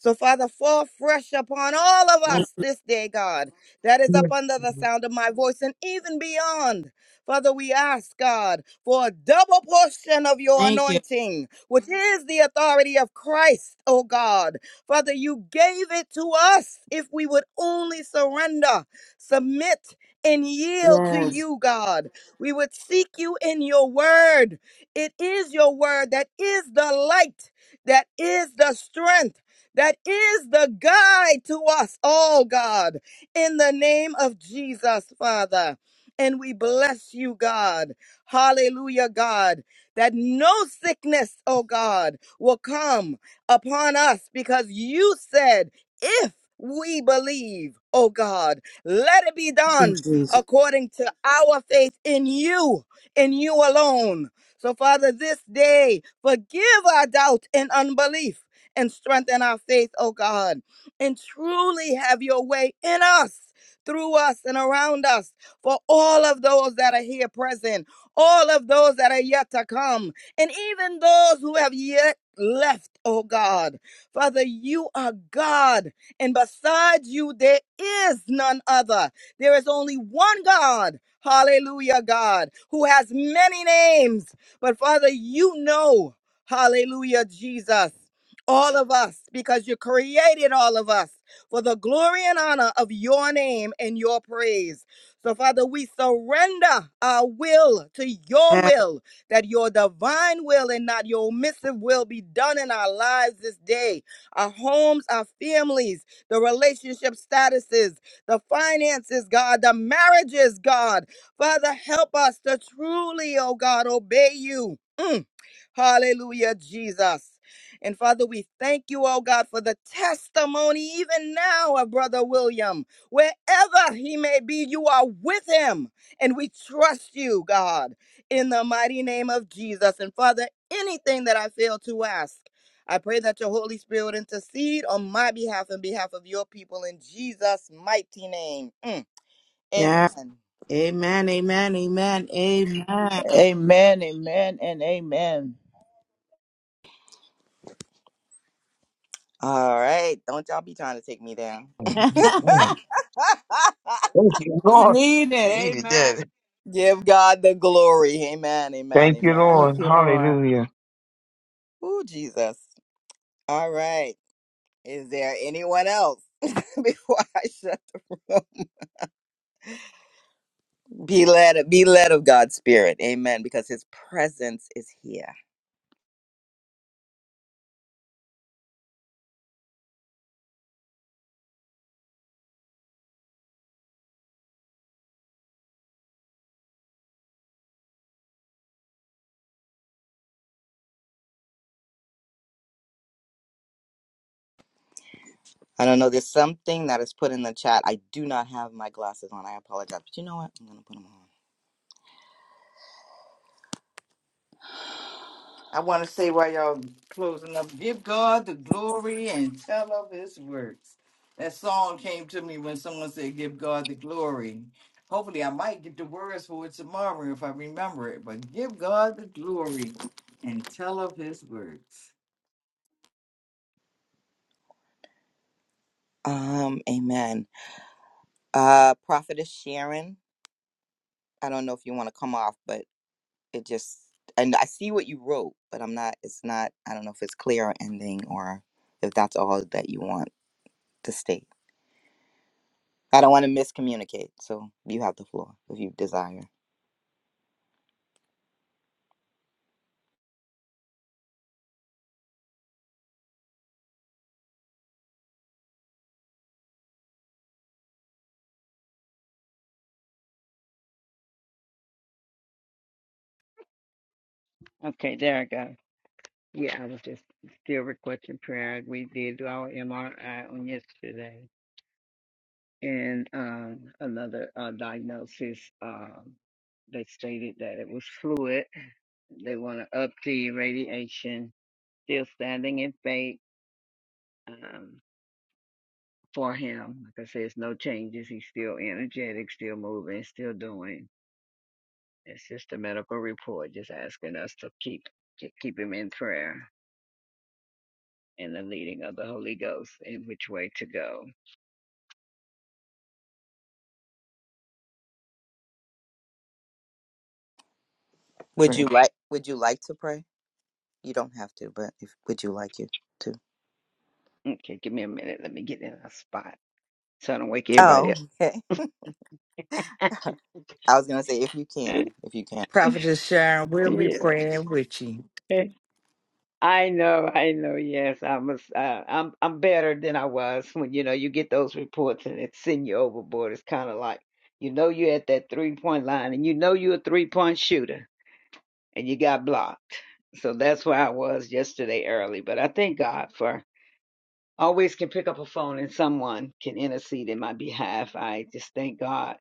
So, Father, fall fresh upon all of us this day, God, that is
Yeah.
up under the sound of my voice and even beyond. Father, we ask, God, for a double portion of your
Thank you.
anointing, which is the authority of Christ, oh God. Father, you gave it to us if we would only surrender, submit, and yield to
Yes.
you, God. We would seek you in your word. It is your word that is the light, that is the strength, that is the guide to us, all God, in the name of Jesus, Father. And we bless you, God. Hallelujah, God, that no sickness, oh God, will come upon us because you said, if we believe, oh God, let it be
Thank
done
you, Jesus.
according to our faith in you, in you alone. So, Father, this day, forgive our doubt and unbelief and strengthen our faith, oh God, and truly have your way in us. Through us and around us, for all of those that are here present, all of those that are yet to come, and even those who have yet left, oh God. Father, you are God, and besides you, there is none other. There is only one God, hallelujah, God, who has many names but Father, you know, hallelujah, Jesus, all of us, because you created all of us for the glory and honor of your name and your praise. So, Father, we surrender our will to your
Yes.
will, that your divine will and not your omissive will be done in our lives this day, our homes, our families, the relationship statuses, the finances, God, the marriages, God. Father, help us to truly, oh God, obey you. Mm. Hallelujah, Jesus. And Father, we thank you, oh God, for the testimony even now of Brother William. Wherever he may be, you are with him. And we trust you, God, in the mighty name of Jesus. And Father, anything that I fail to ask, I pray that your Holy Spirit would intercede on my behalf and behalf of your people in Jesus' mighty name. Mm.
yes.
Amen.
Amen, amen, amen, amen.
Amen, amen, and amen.
All right. Don't y'all be trying to take me down.
Thank
it's
you, Lord.
needed.
Needed
Amen.
that.
Give God the glory. Amen. Amen.
Thank you,
Amen.
Lord.
Thank you, Lord.
Hallelujah.
Ooh, Jesus. All right. Is there anyone else before I shut the room? Be led be led of God's spirit. Amen. Because his presence is here. I don't know. There's something that is put in the chat. I do not have my glasses on. I apologize. But you know what? I'm gonna put them on.
I want to say while y'all closing up, give God the glory and tell of his works. That song came to me when someone said, give God the glory. Hopefully, I might get the words for it tomorrow if I remember it. But give God the glory and tell of his works.
Um, amen. Uh Prophetess Sharon. I don't know if you want to come off, but it just and I see what you wrote, but I'm not it's not I don't know if it's clear or ending or if that's all that you want to state. I don't want to miscommunicate, so you have the floor if you desire.
Okay, there I go. Yeah, I was just still requesting prayer. We did our MRI on yesterday and um, another uh, diagnosis. Um, they stated that it was fluid. They want to up the radiation. Still standing in faith um, for him. Like I said, it's no changes. He's still energetic, still moving, still doing. It's just a medical report, just asking us to keep to keep him in prayer. and the leading of the Holy Ghost and which way to go.
Would you like would you like to pray? You don't have to, but if would you like you to?
Okay, give me a minute. Let me get in a spot so I don't wake everybody
Oh, okay.
up.
I was gonna say if you can. If you can.
Prophetess Sharon, we'll be praying with you.
yeah. I know, I know. Yes, I'm a, s- uh, I'm I'm better than I was when you know you get those reports and it send you overboard. It's kind of like you know you're at that three point line and you know you're a three point shooter and you got blocked. So that's where I was yesterday early. But I thank God for always can pick up a phone and someone can intercede in my behalf. I just thank God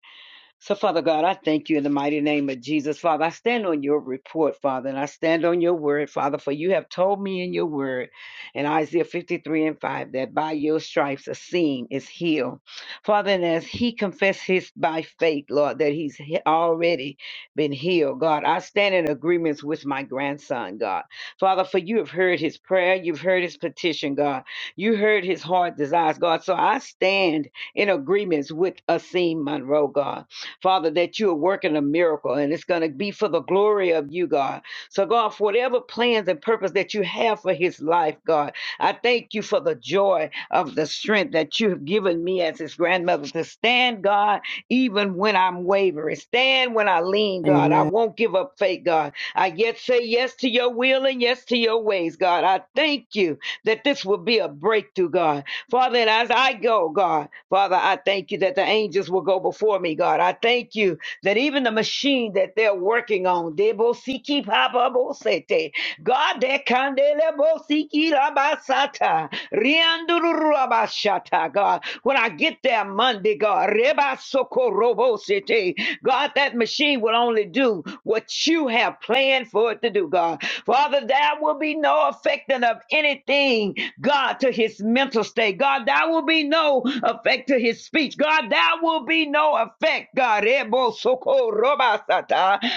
so, Father God, I thank you in the mighty name of Jesus. Father, I stand on your report, Father, and I stand on your word, Father, for you have told me in your word in Isaiah 53 and 5 that by your stripes a seam is healed. Father, and as he confessed his by faith, Lord, that he's he- already been healed, God, I stand in agreements with my grandson, God. Father, for you have heard his prayer, you've heard his petition, God. You heard his heart desires, God. So I stand in agreements with Asim Monroe, God. Father, that you are working a miracle and it's going to be for the glory of you, God. So, God, for whatever plans and purpose that you have for his life, God, I thank you for the joy of the strength that you have given me as his grandmother to stand, God, even when I'm wavering. Stand when I lean, God. I
Amen.
won't give up faith, God. I yet say yes to your will and yes to your ways, God. I thank you that this will be a breakthrough, God. Father, and as I go, God. Father, I thank you that the angels will go before me, God. I thank you that even the machine that they're working on, Debosiki Papa Bosete, God, that Kandele Bosiki Rabasata, Rianduru Rabashata, God. When I get there Monday, God, Reba Soko Robo City, God, that machine will only do what you have planned for it to do, God. Father, there will be no affecting of anything God, to his mental state. God, there will be no effect to his speech. God, there will be no effect. God,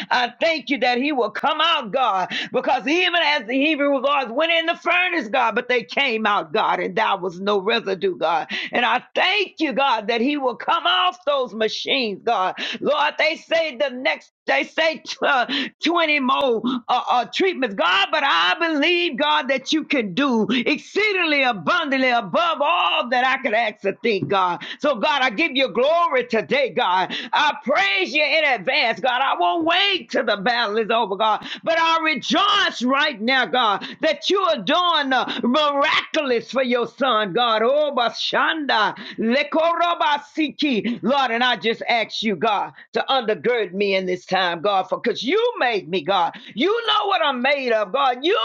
I thank you that he will come out, God, because even as the Hebrew laws went in the furnace, God, but they came out, God, and there was no residue, God. And I thank you, God, that he will come off those machines, God. Lord, they say the next they say uh, 20 more uh, uh, treatments, God, but I believe, God, that you can do exceedingly abundantly above all that I could ask or think, God. So, God, I give you glory today, God. I praise you in advance, God. I won't wait till the battle is over, God, but I Lord, I rejoice right now, God, that you are doing the miraculous for your son, God. Oh, Bashanda, Lekorobasiki. Lord, and I just ask you, God, to undergird me in this time, God, for because you made me, God. You know what I'm made of, God. You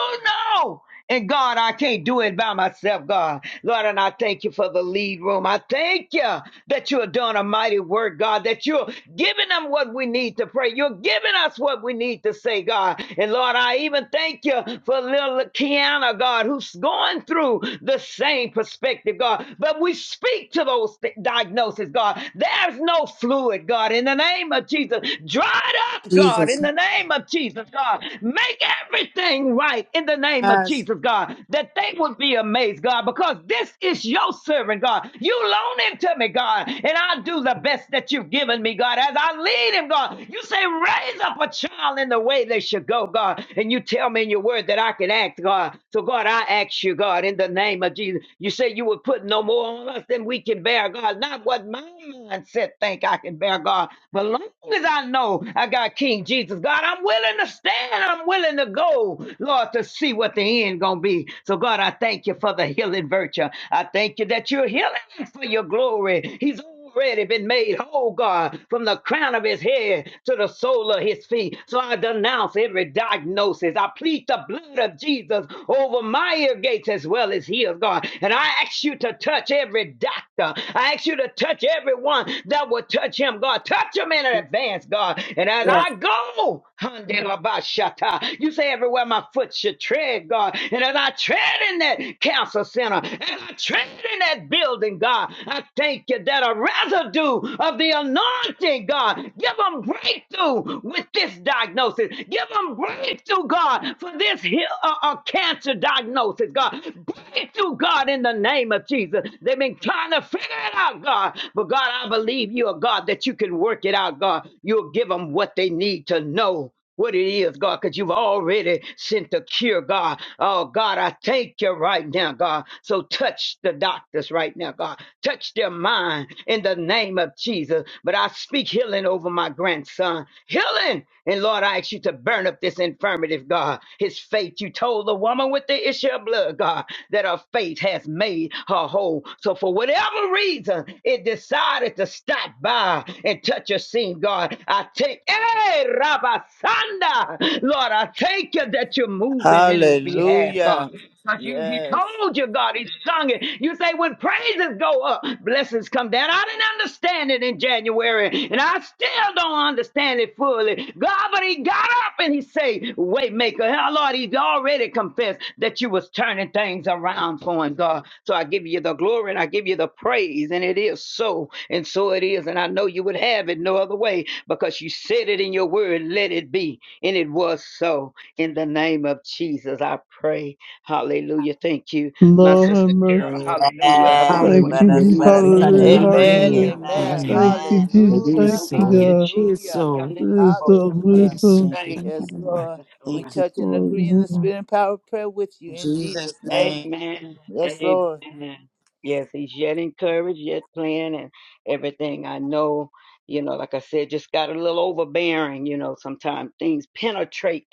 know. And God, I can't do it by myself, God. Lord, and I thank you for the lead room. I thank you that you are doing a mighty work, God, that you're giving them what we need to pray. You're giving us what we need to say, God. And Lord, I even thank you for little Kiana, God, who's going through the same perspective, God. But we speak to those th- diagnoses, God. There's no fluid, God. In the name of Jesus, dry it up up, God, in
Jesus.
the name of Jesus, God. Make everything right in the name of
Yes.
Jesus, God, that they would be amazed, God, because this is your servant, God. You loan him to me, God, and I'll do the best that you've given me, God, as I lead him, God. You say, raise up a child in the way they should go, God, and you tell me in your word that I can act, God. So, God, I ask you, God, in the name of Jesus, you say you would put no more on us than we can bear, God. God, not what my mindset think I can bear, God. But long as I know I got King Jesus, God, I'm willing to stand. I'm willing to go, Lord, to see what the end gonna be. So God, I thank you for the healing virtue. I thank you that you're healing for your glory. He's already been made whole, God, from the crown of his head to the sole of his feet. So I denounce every diagnosis. I plead the blood of Jesus over my ear gates as well as his, God. And I ask you to touch every doctor. I ask you to touch everyone that will touch him, God. Touch him in advance, God. And as
Yes.
I go, Handelabashata, you say everywhere my foot should tread, God. And as I tread in that cancer center, and I tread in that building, building, God. I thank you that a residue of the anointing, God, give them breakthrough with this diagnosis. Give them breakthrough, God, for this he- uh, uh, cancer diagnosis, God. Breakthrough, God, in the name of Jesus. They've been trying to figure it out, God. But God, I believe you are God that you can work it out, God. You'll give them what they need to know what it is, God, because you've already sent the cure, God. Oh, God, I thank you right now, God. So touch the doctors right now, God. Touch their mind in the name of Jesus. But I speak healing over my grandson. Healing! And Lord, I ask you to burn up this infirmity, God. His faith, you told the woman with the issue of blood, God, that her faith has made her whole. So for whatever reason, it decided to stop by and touch a scene, God. I take, hey, Rabasanda, Lord, I thank you that you're moving in his behalf, God.
Hallelujah.
Because you, you
Yes.
told your God, he sung it. You say, when praises go up, blessings come down. I didn't understand it in January, and I still don't understand it fully. God, but he got up and he said, Waymaker. Hell, Lord, he's already confessed that you was turning things around for him, God. So I give you the glory and I give you the praise, and it is so, and so it is. And I know you would have it no other way because you said it in your word, let it be. And it was so. In the name of Jesus, I pray. Hallelujah. Thank you, my
Lord have
sister
mercy.
Carol. Hallelujah. I
Thank
Amen.
relinquish
Let
you.
you,
Hallelujah.
us
Jesus.
let us touch
Amen.
and
Hallelujah.
Hallelujah.
Amen,
agree.
Hallelujah.
Amen.
Amen.
Thank
Yes.
amen.
you,
Thank
Amen.
Amen.
you,
Jesus.
It
Jesus.
is
Thank
Hallelujah,
Thank
you,
so.
you,
It
God.
Jesus.
is
hallelujah,
so.
This is so
Hallelujah.
hallelujah.
It is so.
beautiful.
Thank you.
Thank
Thank
you.
you,
Yes,
Lord.
Lord. We
Jesus.
Thank you.
touch and agree in the
Mhm.
spirit and power of prayer with you
In
in
Jesus'
Jesus' name.
name.
Amen.
Yes, Lord.
Amen. Yes, he's yet encouraged, yet playing, and everything. I know, you know, like I said, just got a little overbearing, you know, sometimes things penetrate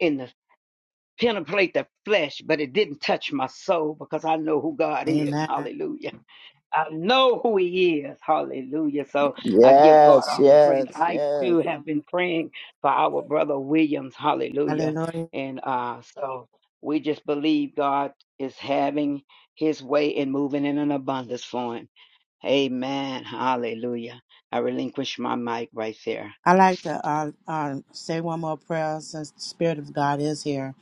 in the. penetrate the flesh, but it didn't touch my soul because I know who God is.
Amen.
Hallelujah. I know who He is. Hallelujah. So I give God
Yes,
all the praise.
yes,
I
yes.
too have been praying for our brother Williams. Hallelujah.
Hallelujah.
And uh, so we just believe God is having His way and moving in an abundance for him. Amen. Hallelujah. I relinquish my mic right there.
I like to uh, uh, say one more prayer since the Spirit of God is here.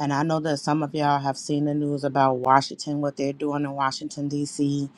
And I know that some of y'all have seen the news about Washington, what they're doing in Washington, D.C.,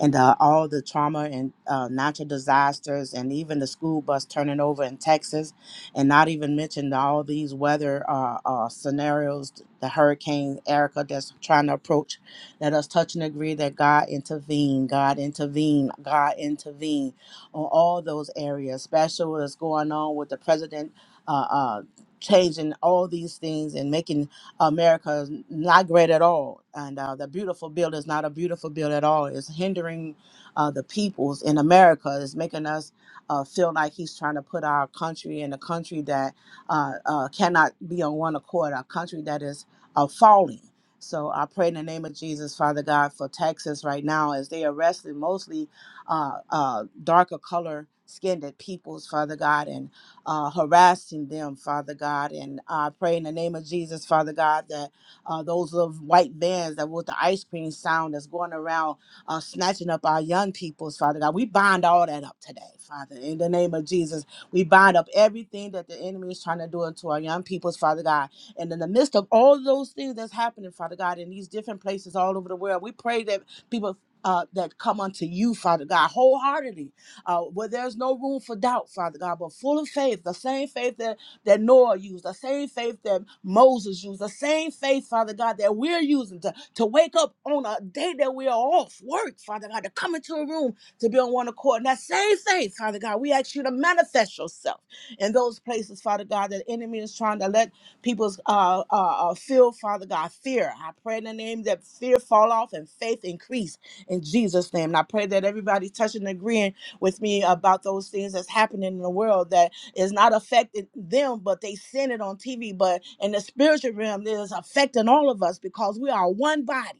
and uh, all the trauma and uh, natural disasters, and even the school bus turning over in Texas, and not even mention all these weather uh, uh, scenarios, the hurricane Erica that's trying to approach. Let us touch and agree that God intervene, God intervene, God intervene on all those areas, especially what's going on with the president uh, uh, changing all these things and making America not great at all. And uh, the beautiful bill is not a beautiful bill at all. It's hindering uh, the peoples in America. It's making us uh, feel like he's trying to put our country in a country that uh, uh, cannot be on one accord, a country that is uh, falling. So I pray in the name of Jesus, Father God, for Texas right now as they arrested mostly uh, uh, darker color skinned peoples, Father God, and uh, harassing them, Father God. And I pray in the name of Jesus, Father God, that uh, those little white vans that with the ice cream sound that's going around uh, snatching up our young peoples, Father God, we bind all that up today, Father. In the name of Jesus, we bind up everything that the enemy is trying to do unto our young peoples, Father God. And in the midst of all those things that's happening, Father God, in these different places all over the world, we pray that people uh, that come unto you, Father God, wholeheartedly, uh, where there's no room for doubt, Father God, but full of faith, the same faith that, that Noah used, the same faith that Moses used, the same faith, Father God, that we're using to, to wake up on a day that we are off work, Father God, to come into a room to be on one accord. And that same faith, Father God, we ask you to manifest yourself in those places, Father God, that the enemy is trying to let people's uh, uh, uh, feel, Father God, fear. I pray in the name that fear fall off and faith increase in Jesus' name. And I pray that everybody touching and agreeing with me about those things that's happening in the world that is not affecting them, but they send it on TV. But in the spiritual realm, it is affecting all of us because we are one body.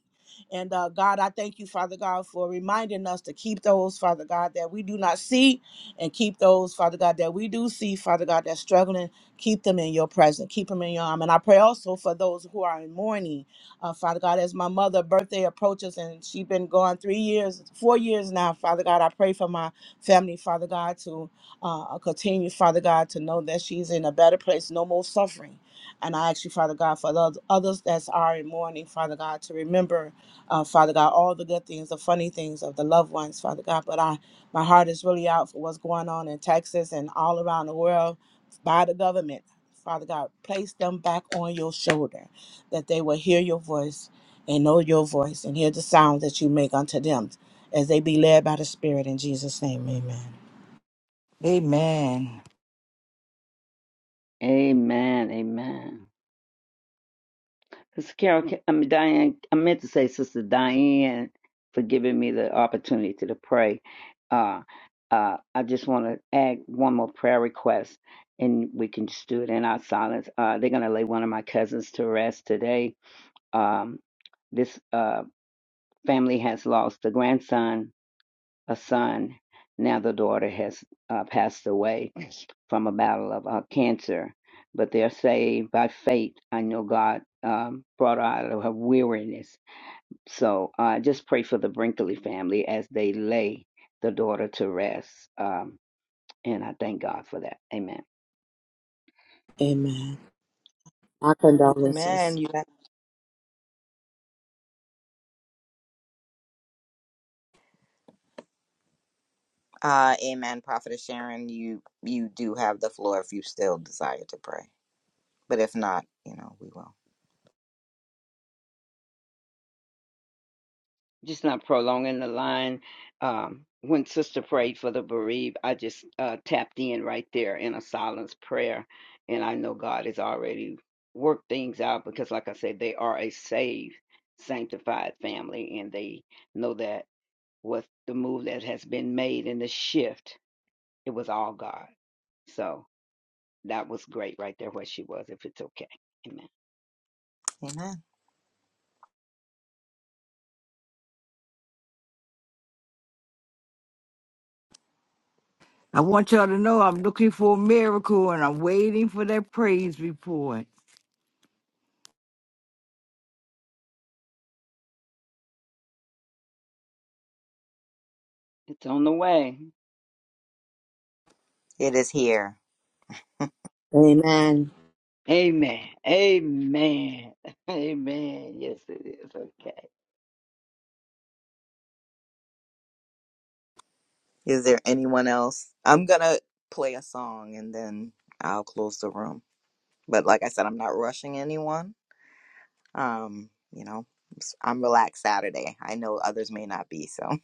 And uh, God, I thank you, Father God, for reminding us to keep those, Father God, that we do not see, and keep those, Father God, that we do see, Father God, that's struggling. Keep them in your presence. Keep them in your arm. And I pray also for those who are in mourning uh, Father God, as my mother' birthday approaches and she's been gone three years, four years now, Father God, I pray for my family, Father God, to uh, uh, continue, Father God, to know that she's in a better place, no more suffering. And I ask you, Father God, for those others that are in mourning, Father God, to remember, uh, Father God, all the good things, the funny things of the loved ones, Father God. But I, my heart is really out for what's going on in Texas and all around the world by the government. Father God, place them back on your shoulder that they will hear your voice and know your voice and hear the sound that you make unto them as they be led by the Spirit in Jesus' name. Amen.
Amen.
Amen. Amen. Sister Carol, I mean, Diane, I meant to say Sister Diane for giving me the opportunity to pray. Uh, uh, I just want to add one more prayer request and we can just do it in our silence. Uh, they're going to lay one of my cousins to rest today. Um, this uh, family has lost a grandson a son. Now the daughter has uh, passed away from a battle of uh, cancer, but they're saved by faith. I know God um, brought her out of her weariness. So uh, just pray for the Brinkley family as they lay the daughter to rest. Um, and I thank God for that. Amen.
Amen. Our
Amen.
condolences.
You Uh, amen, Prophetess Sharon. You you do have the floor if you still desire to pray, but if not, you know we will.
just not prolonging the line. Um, when Sister prayed for the bereaved, I just uh, tapped in right there in a silence prayer, and I know God has already worked things out because, like I said, they are a saved, sanctified family, and they know that with the move that has been made and the shift, it was all God. So that was great right there where she was. If it's okay, Amen.
Amen.
I want y'all to know I'm looking for a miracle and I'm waiting for that praise report.
It's on the way.
It is here.
Amen.
Amen. Amen. Amen. Yes, it is. Okay.
Is there anyone else? I'm gonna play a song and then I'll close the room. But like I said, I'm not rushing anyone. Um, you know, s- I'm relaxed Saturday. I know others may not be so.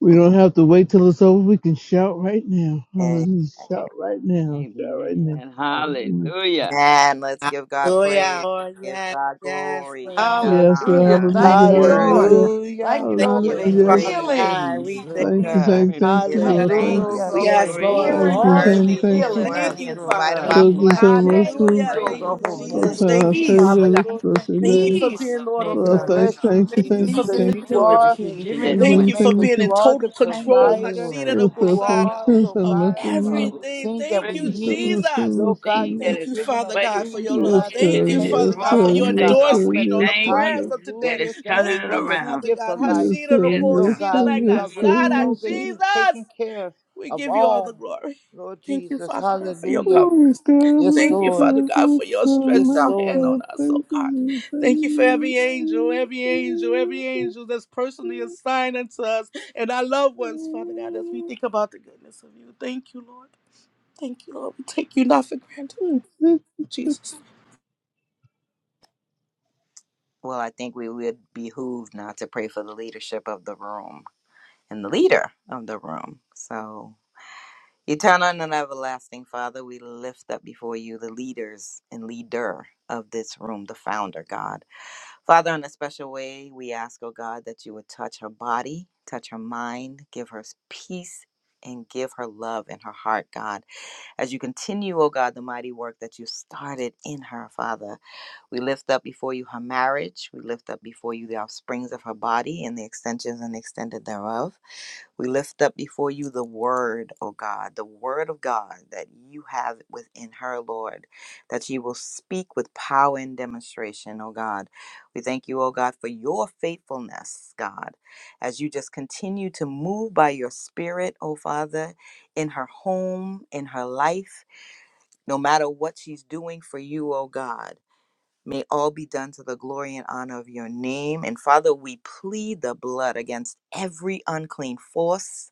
We don't have to wait till it's over. We can shout right now. Hallelujah.
Exactly.
Shout right now. Shout right now.
Amen.
Hallelujah.
Hallelujah.
Man, let's give God
Hallelujah.
praise.
Lord,
Give
yes,
God
yes,
glory. Give
Lord.
God
Yes, sir.
Hallelujah.
honor. He
Thank
is
Hallelujah.
you,
Father
Lord.
worthy.
God.
Hallelujah.
Thank
Hallelujah.
you,
Give
Thank
Lord,
Hallelujah.
for
give him
the
you,
Yes,
Father
praise.
Hallelujah.
Praise
God.
healings,
you
We thank
Lord
Thank
for
you,
you, thank
God.
you,
every
thank you,
Give him
Thank
Jesus.
Lord.
you,
petition,
Thank you,
thanks.
God.
Lord
Hallelujah.
We
God,
Yes,
for
Yes, Lord,
He
praise
for
Lord.
is
thank
hearing
you,
you,
all
us
God.
the
Thank
thank
and
miracles.
you,
worthy.
you,
He
thank
is
That
you.
Lord.
healing
Thank
worthy
us,
you,
in
Lord
spite of
God.
Father.
our
So
Thank
manifestation
you,
good,
flesh.
is
so
Give
Thank
Jesus.
you,
him
resting,
merciful.
Hallelujah.
so
God.
Thank
Thank
praise.
you,
God,
you,
for
Lord.
It
Oh,
more
Jesus.
Thank
is
you,
Thank
God, I
you,
Lord.
here,
praise
Thank
peace,
Father
you,
God. We
God.
you.
thank
Lord.
Bless
Thank
your
you,
Thank
Lord.
you
you
name.
for
for
peace,
being
the
Lord
oh
of
We
Lord,
Lords.
God,
thank
victory,
bless
you,
you,
God.
thank you,
Thank you
Jesus,
thank
for
you,
peace
because
and
being
the
thank you,
you
And
King
joy
every
of
that
are
you've
King.
petition
given
thank
that's
your
Thank
you,
went
you for
thank
Waymaker,
you,
being
thank
in
you
you.
are the
total
thank you,
forth.
control,
provider.
Hashira
Lord.
no
Yes,
Thank
Lord,
You
thank
you,
Kosada,
are,
you,
Lord.
yes,
Lord
and
of
bless
Yes,
God,
the
God.
Lord.
We
everything.
just
everything that
Thank
praise
we
you,
Yes,
you,
Lord,
God.
need.
bless the
Jesus.
Lord,
Lord
bless the
Everything
God,
that
Lord.
you've
Thank
has
you,
been
given us
Father God, for
things,
your
Lord
placed,
love.
Yes,
God, that
Thank
petition
God,
you,
in this
pertains to
Father
yes,
room
God,
life
for your
God,
and
today,
yes,
God.
godliness.
God,
endorsement
We
on the
yes,
thank
God,
you
prayers
yes.
of
that
today.
Hallelujah.
it's
Thank
turning
you
Thank
it
for
you,
the
around.
Father
gift
God.
of life.
Yes,
Hashira no
sir.
Yes,
Lord
God.
Yes,
Kosira no
God,
sir.
we
Yes,
already
sir.
Amen.
Kasada,
Yes,
know
sir.
that you've
Jesus.
taken care
We
of
give you all the
all,
glory.
Lord
Thank you,
Jesus.
Father God, for your
Hallelujah.
Oh my
coverings.
god,
Yes,
my
Thank you,
Lord.
Father
god,
God,
my
for your
god,
stretched
Yes,
my
out hand
Lord.
on
god,
us, oh
thank
God.
you. Thank
Thank you for every angel,
you.
every angel, every angel that's personally assigned unto us and our loved
thank thank
ones, Father God, as we
you,
think about the goodness of you. Thank you, Lord. Thank you, Lord. We take you not for granted,
thank you.
Jesus.
Well, I think we would behoove not to pray for the leadership of the room and the leader of the room. So, eternal and everlasting Father, we lift up before you the leaders and leader of this room, the founder, God. Father, in a special way, we ask, oh God, that you would touch her body, touch her mind, give her peace, and give her love in her heart, God. As you continue, oh God, the mighty work that you started in her, Father, we lift up before you her marriage. We lift up before you the offsprings of her body and the extensions and extended thereof. We lift up before you the word, oh God, the word of God that you have within her, Lord, that she will speak with power and demonstration, oh God. We thank you, oh God, for your faithfulness, God, as you just continue to move by your spirit, oh Father, in her home, in her life no matter what she's doing for you, oh God. May all be done to the glory and honor of your name. And Father, we plead the blood against every unclean force.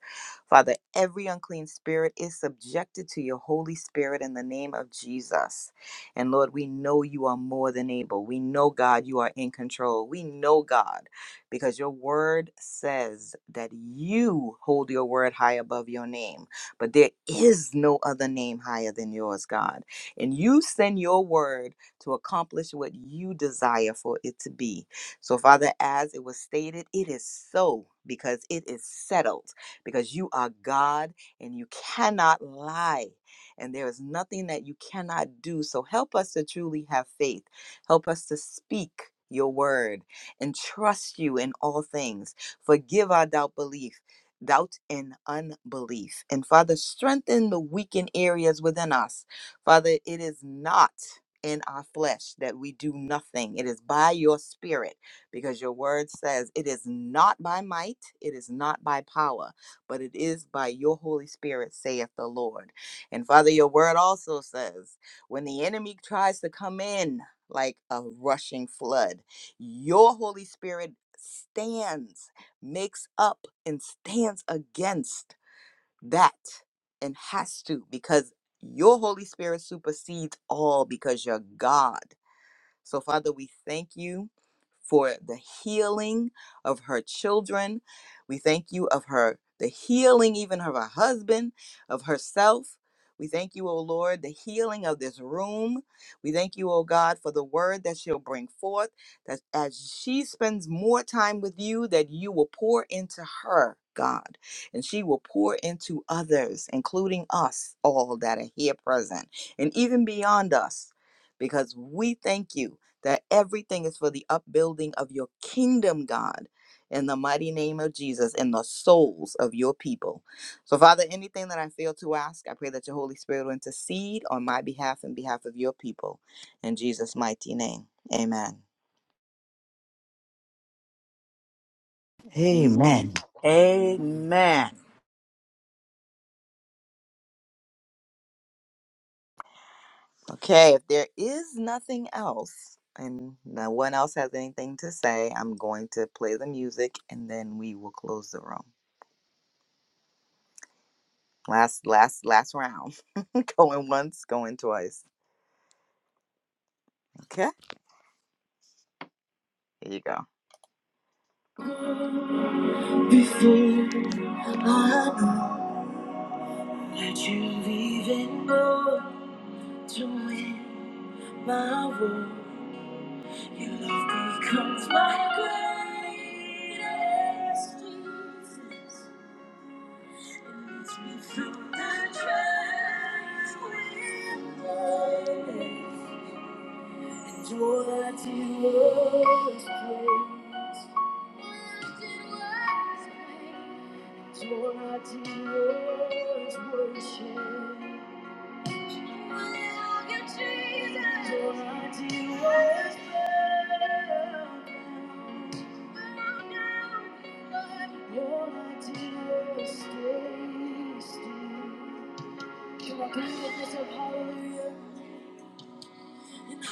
Father, every unclean spirit is subjected to your Holy Spirit in the name of Jesus. And Lord, we know you are more than able. We know, God, you are in control. We know, God, because your word says that you hold your word high above your name. But there is no other name higher than yours, God. And you send your word to accomplish what you desire for it to be. So, Father, as it was stated, it is so because it is settled, because you are God and you cannot lie. And there is nothing that you cannot do. So, help us to truly have faith. Help us to speak your word and trust you in all things. Forgive our doubt belief. Doubt and unbelief. And Father, strengthen the weakened areas within us. Father, it is not in our flesh that we do nothing. It is by your spirit because your word says it is not by might, it is not by power, but it is by your Holy Spirit, saith the Lord. And Father, your word also says when the enemy tries to come in like a rushing flood, your Holy Spirit stands, makes up, and stands against that and has to because your Holy Spirit supersedes all because you're God. So, Father, we thank you for the healing of her children. We thank you of her, the healing even of her husband, of herself. We thank you, O Lord, the healing of this room. We thank you, O God, for the word that she'll bring forth, that as she spends more time with you, that you will pour into her, God, and she will pour into others, including us all that are here present, and even beyond us because we thank you that everything is for the upbuilding of your kingdom, God, in the mighty name of Jesus, in the souls of your people. So, Father, anything that I fail to ask, I pray that your Holy Spirit will intercede on my behalf and behalf of your people. In Jesus' mighty name, amen.
Amen.
Amen.
Amen.
Amen.
Okay, if there is nothing else, and no one else has anything to say, I'm going to play the music and then we will close the room. Last, last, last round. going once, going twice. Okay. Here you go. Before I know that you even gone to win my world, your love becomes my greatest defense. It lets me through the trials with grace. And all I did was praise. All I did was praise. Your ideas were changed. Hallelujah, Jesus. Your ideas were Your ideas stay still. Can I clean up this up? Hallelujah. Better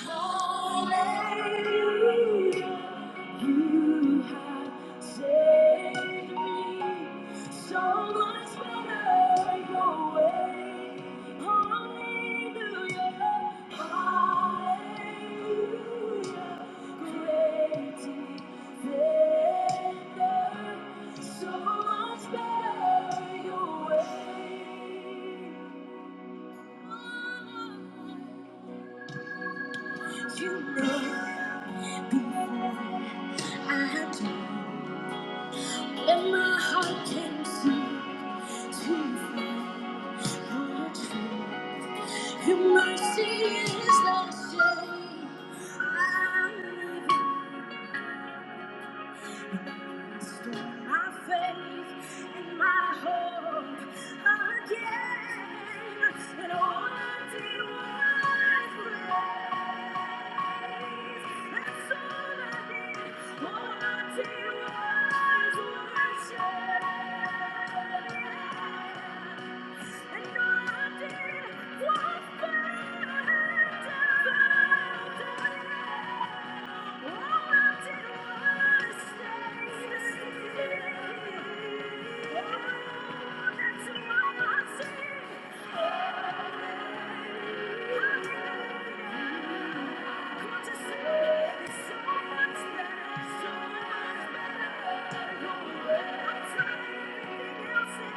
your way. You know before I do, and my heart can see too far for truth. Your mercy is the shade. my faith and my hope again. And all I did was praise. That's all I did. was worship. And all I did was praise. Thank you.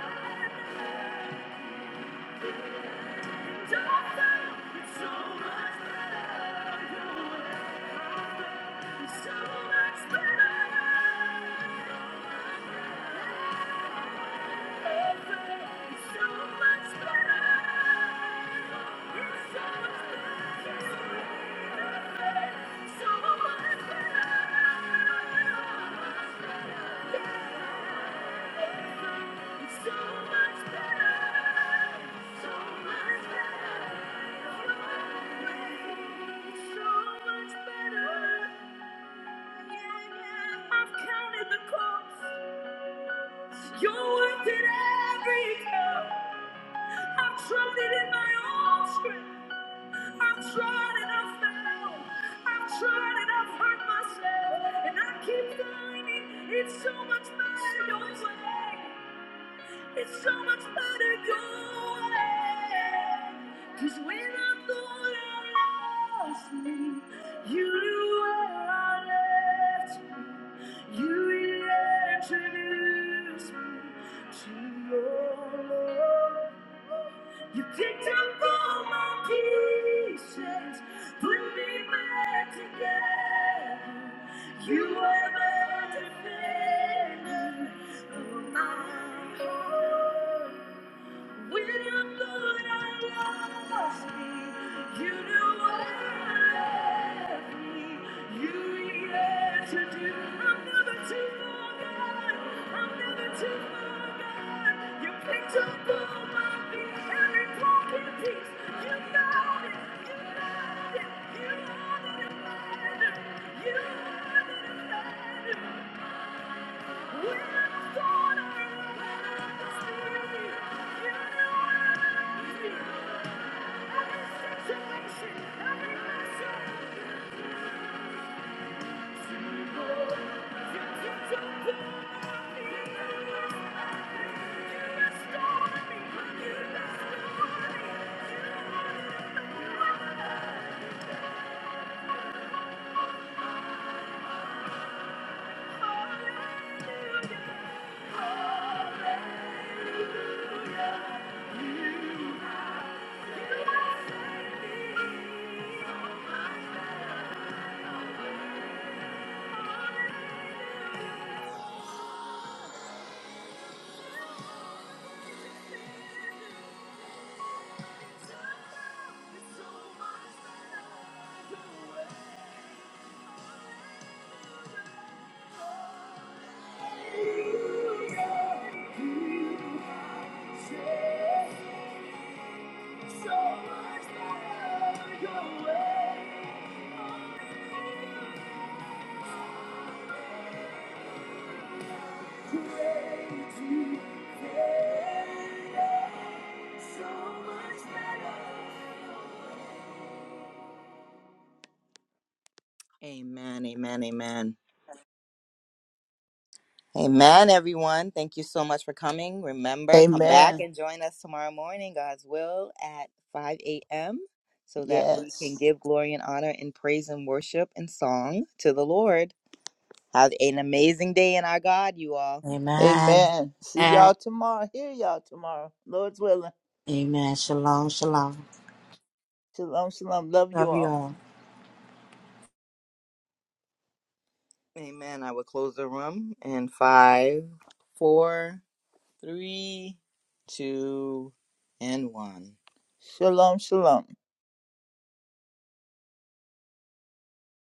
Thank you. It's so much better. I've counted the cost. You're worth it every time. I've tried it in my own strength. I've tried and I've failed. I've tried and I've hurt myself. And I keep finding it's so much better your way. It's so much better your way. Cause when I thought I lost me, you knew where I left me. You introduced me to your love. You picked up all my pieces, put me back together. You were my defender of my heart. When I'm good, I lost me. You knew I left me. You were yet to do. I'm never too far gone. I'm never too far gone. You picked up all my feet, every broken piece. You found it. You found it. You are the divider. You are the divider. Thank you. Amen, amen, amen. Amen, everyone. Thank you so much for coming. Remember, come back
Amen.
and join us tomorrow morning, God's will, at 5 a.m., so that we can
Yes.
give glory and honor and praise and worship and song to the Lord. Have an amazing day in our God, you all.
Amen.
Amen. See y'all
And
tomorrow. Hear y'all tomorrow. Lord's willing.
amen. Shalom, shalom.
Shalom, shalom. Love you
Love you
all.
all.
Amen. I will close the room in five, four, three, two, and one.
Shalom, shalom.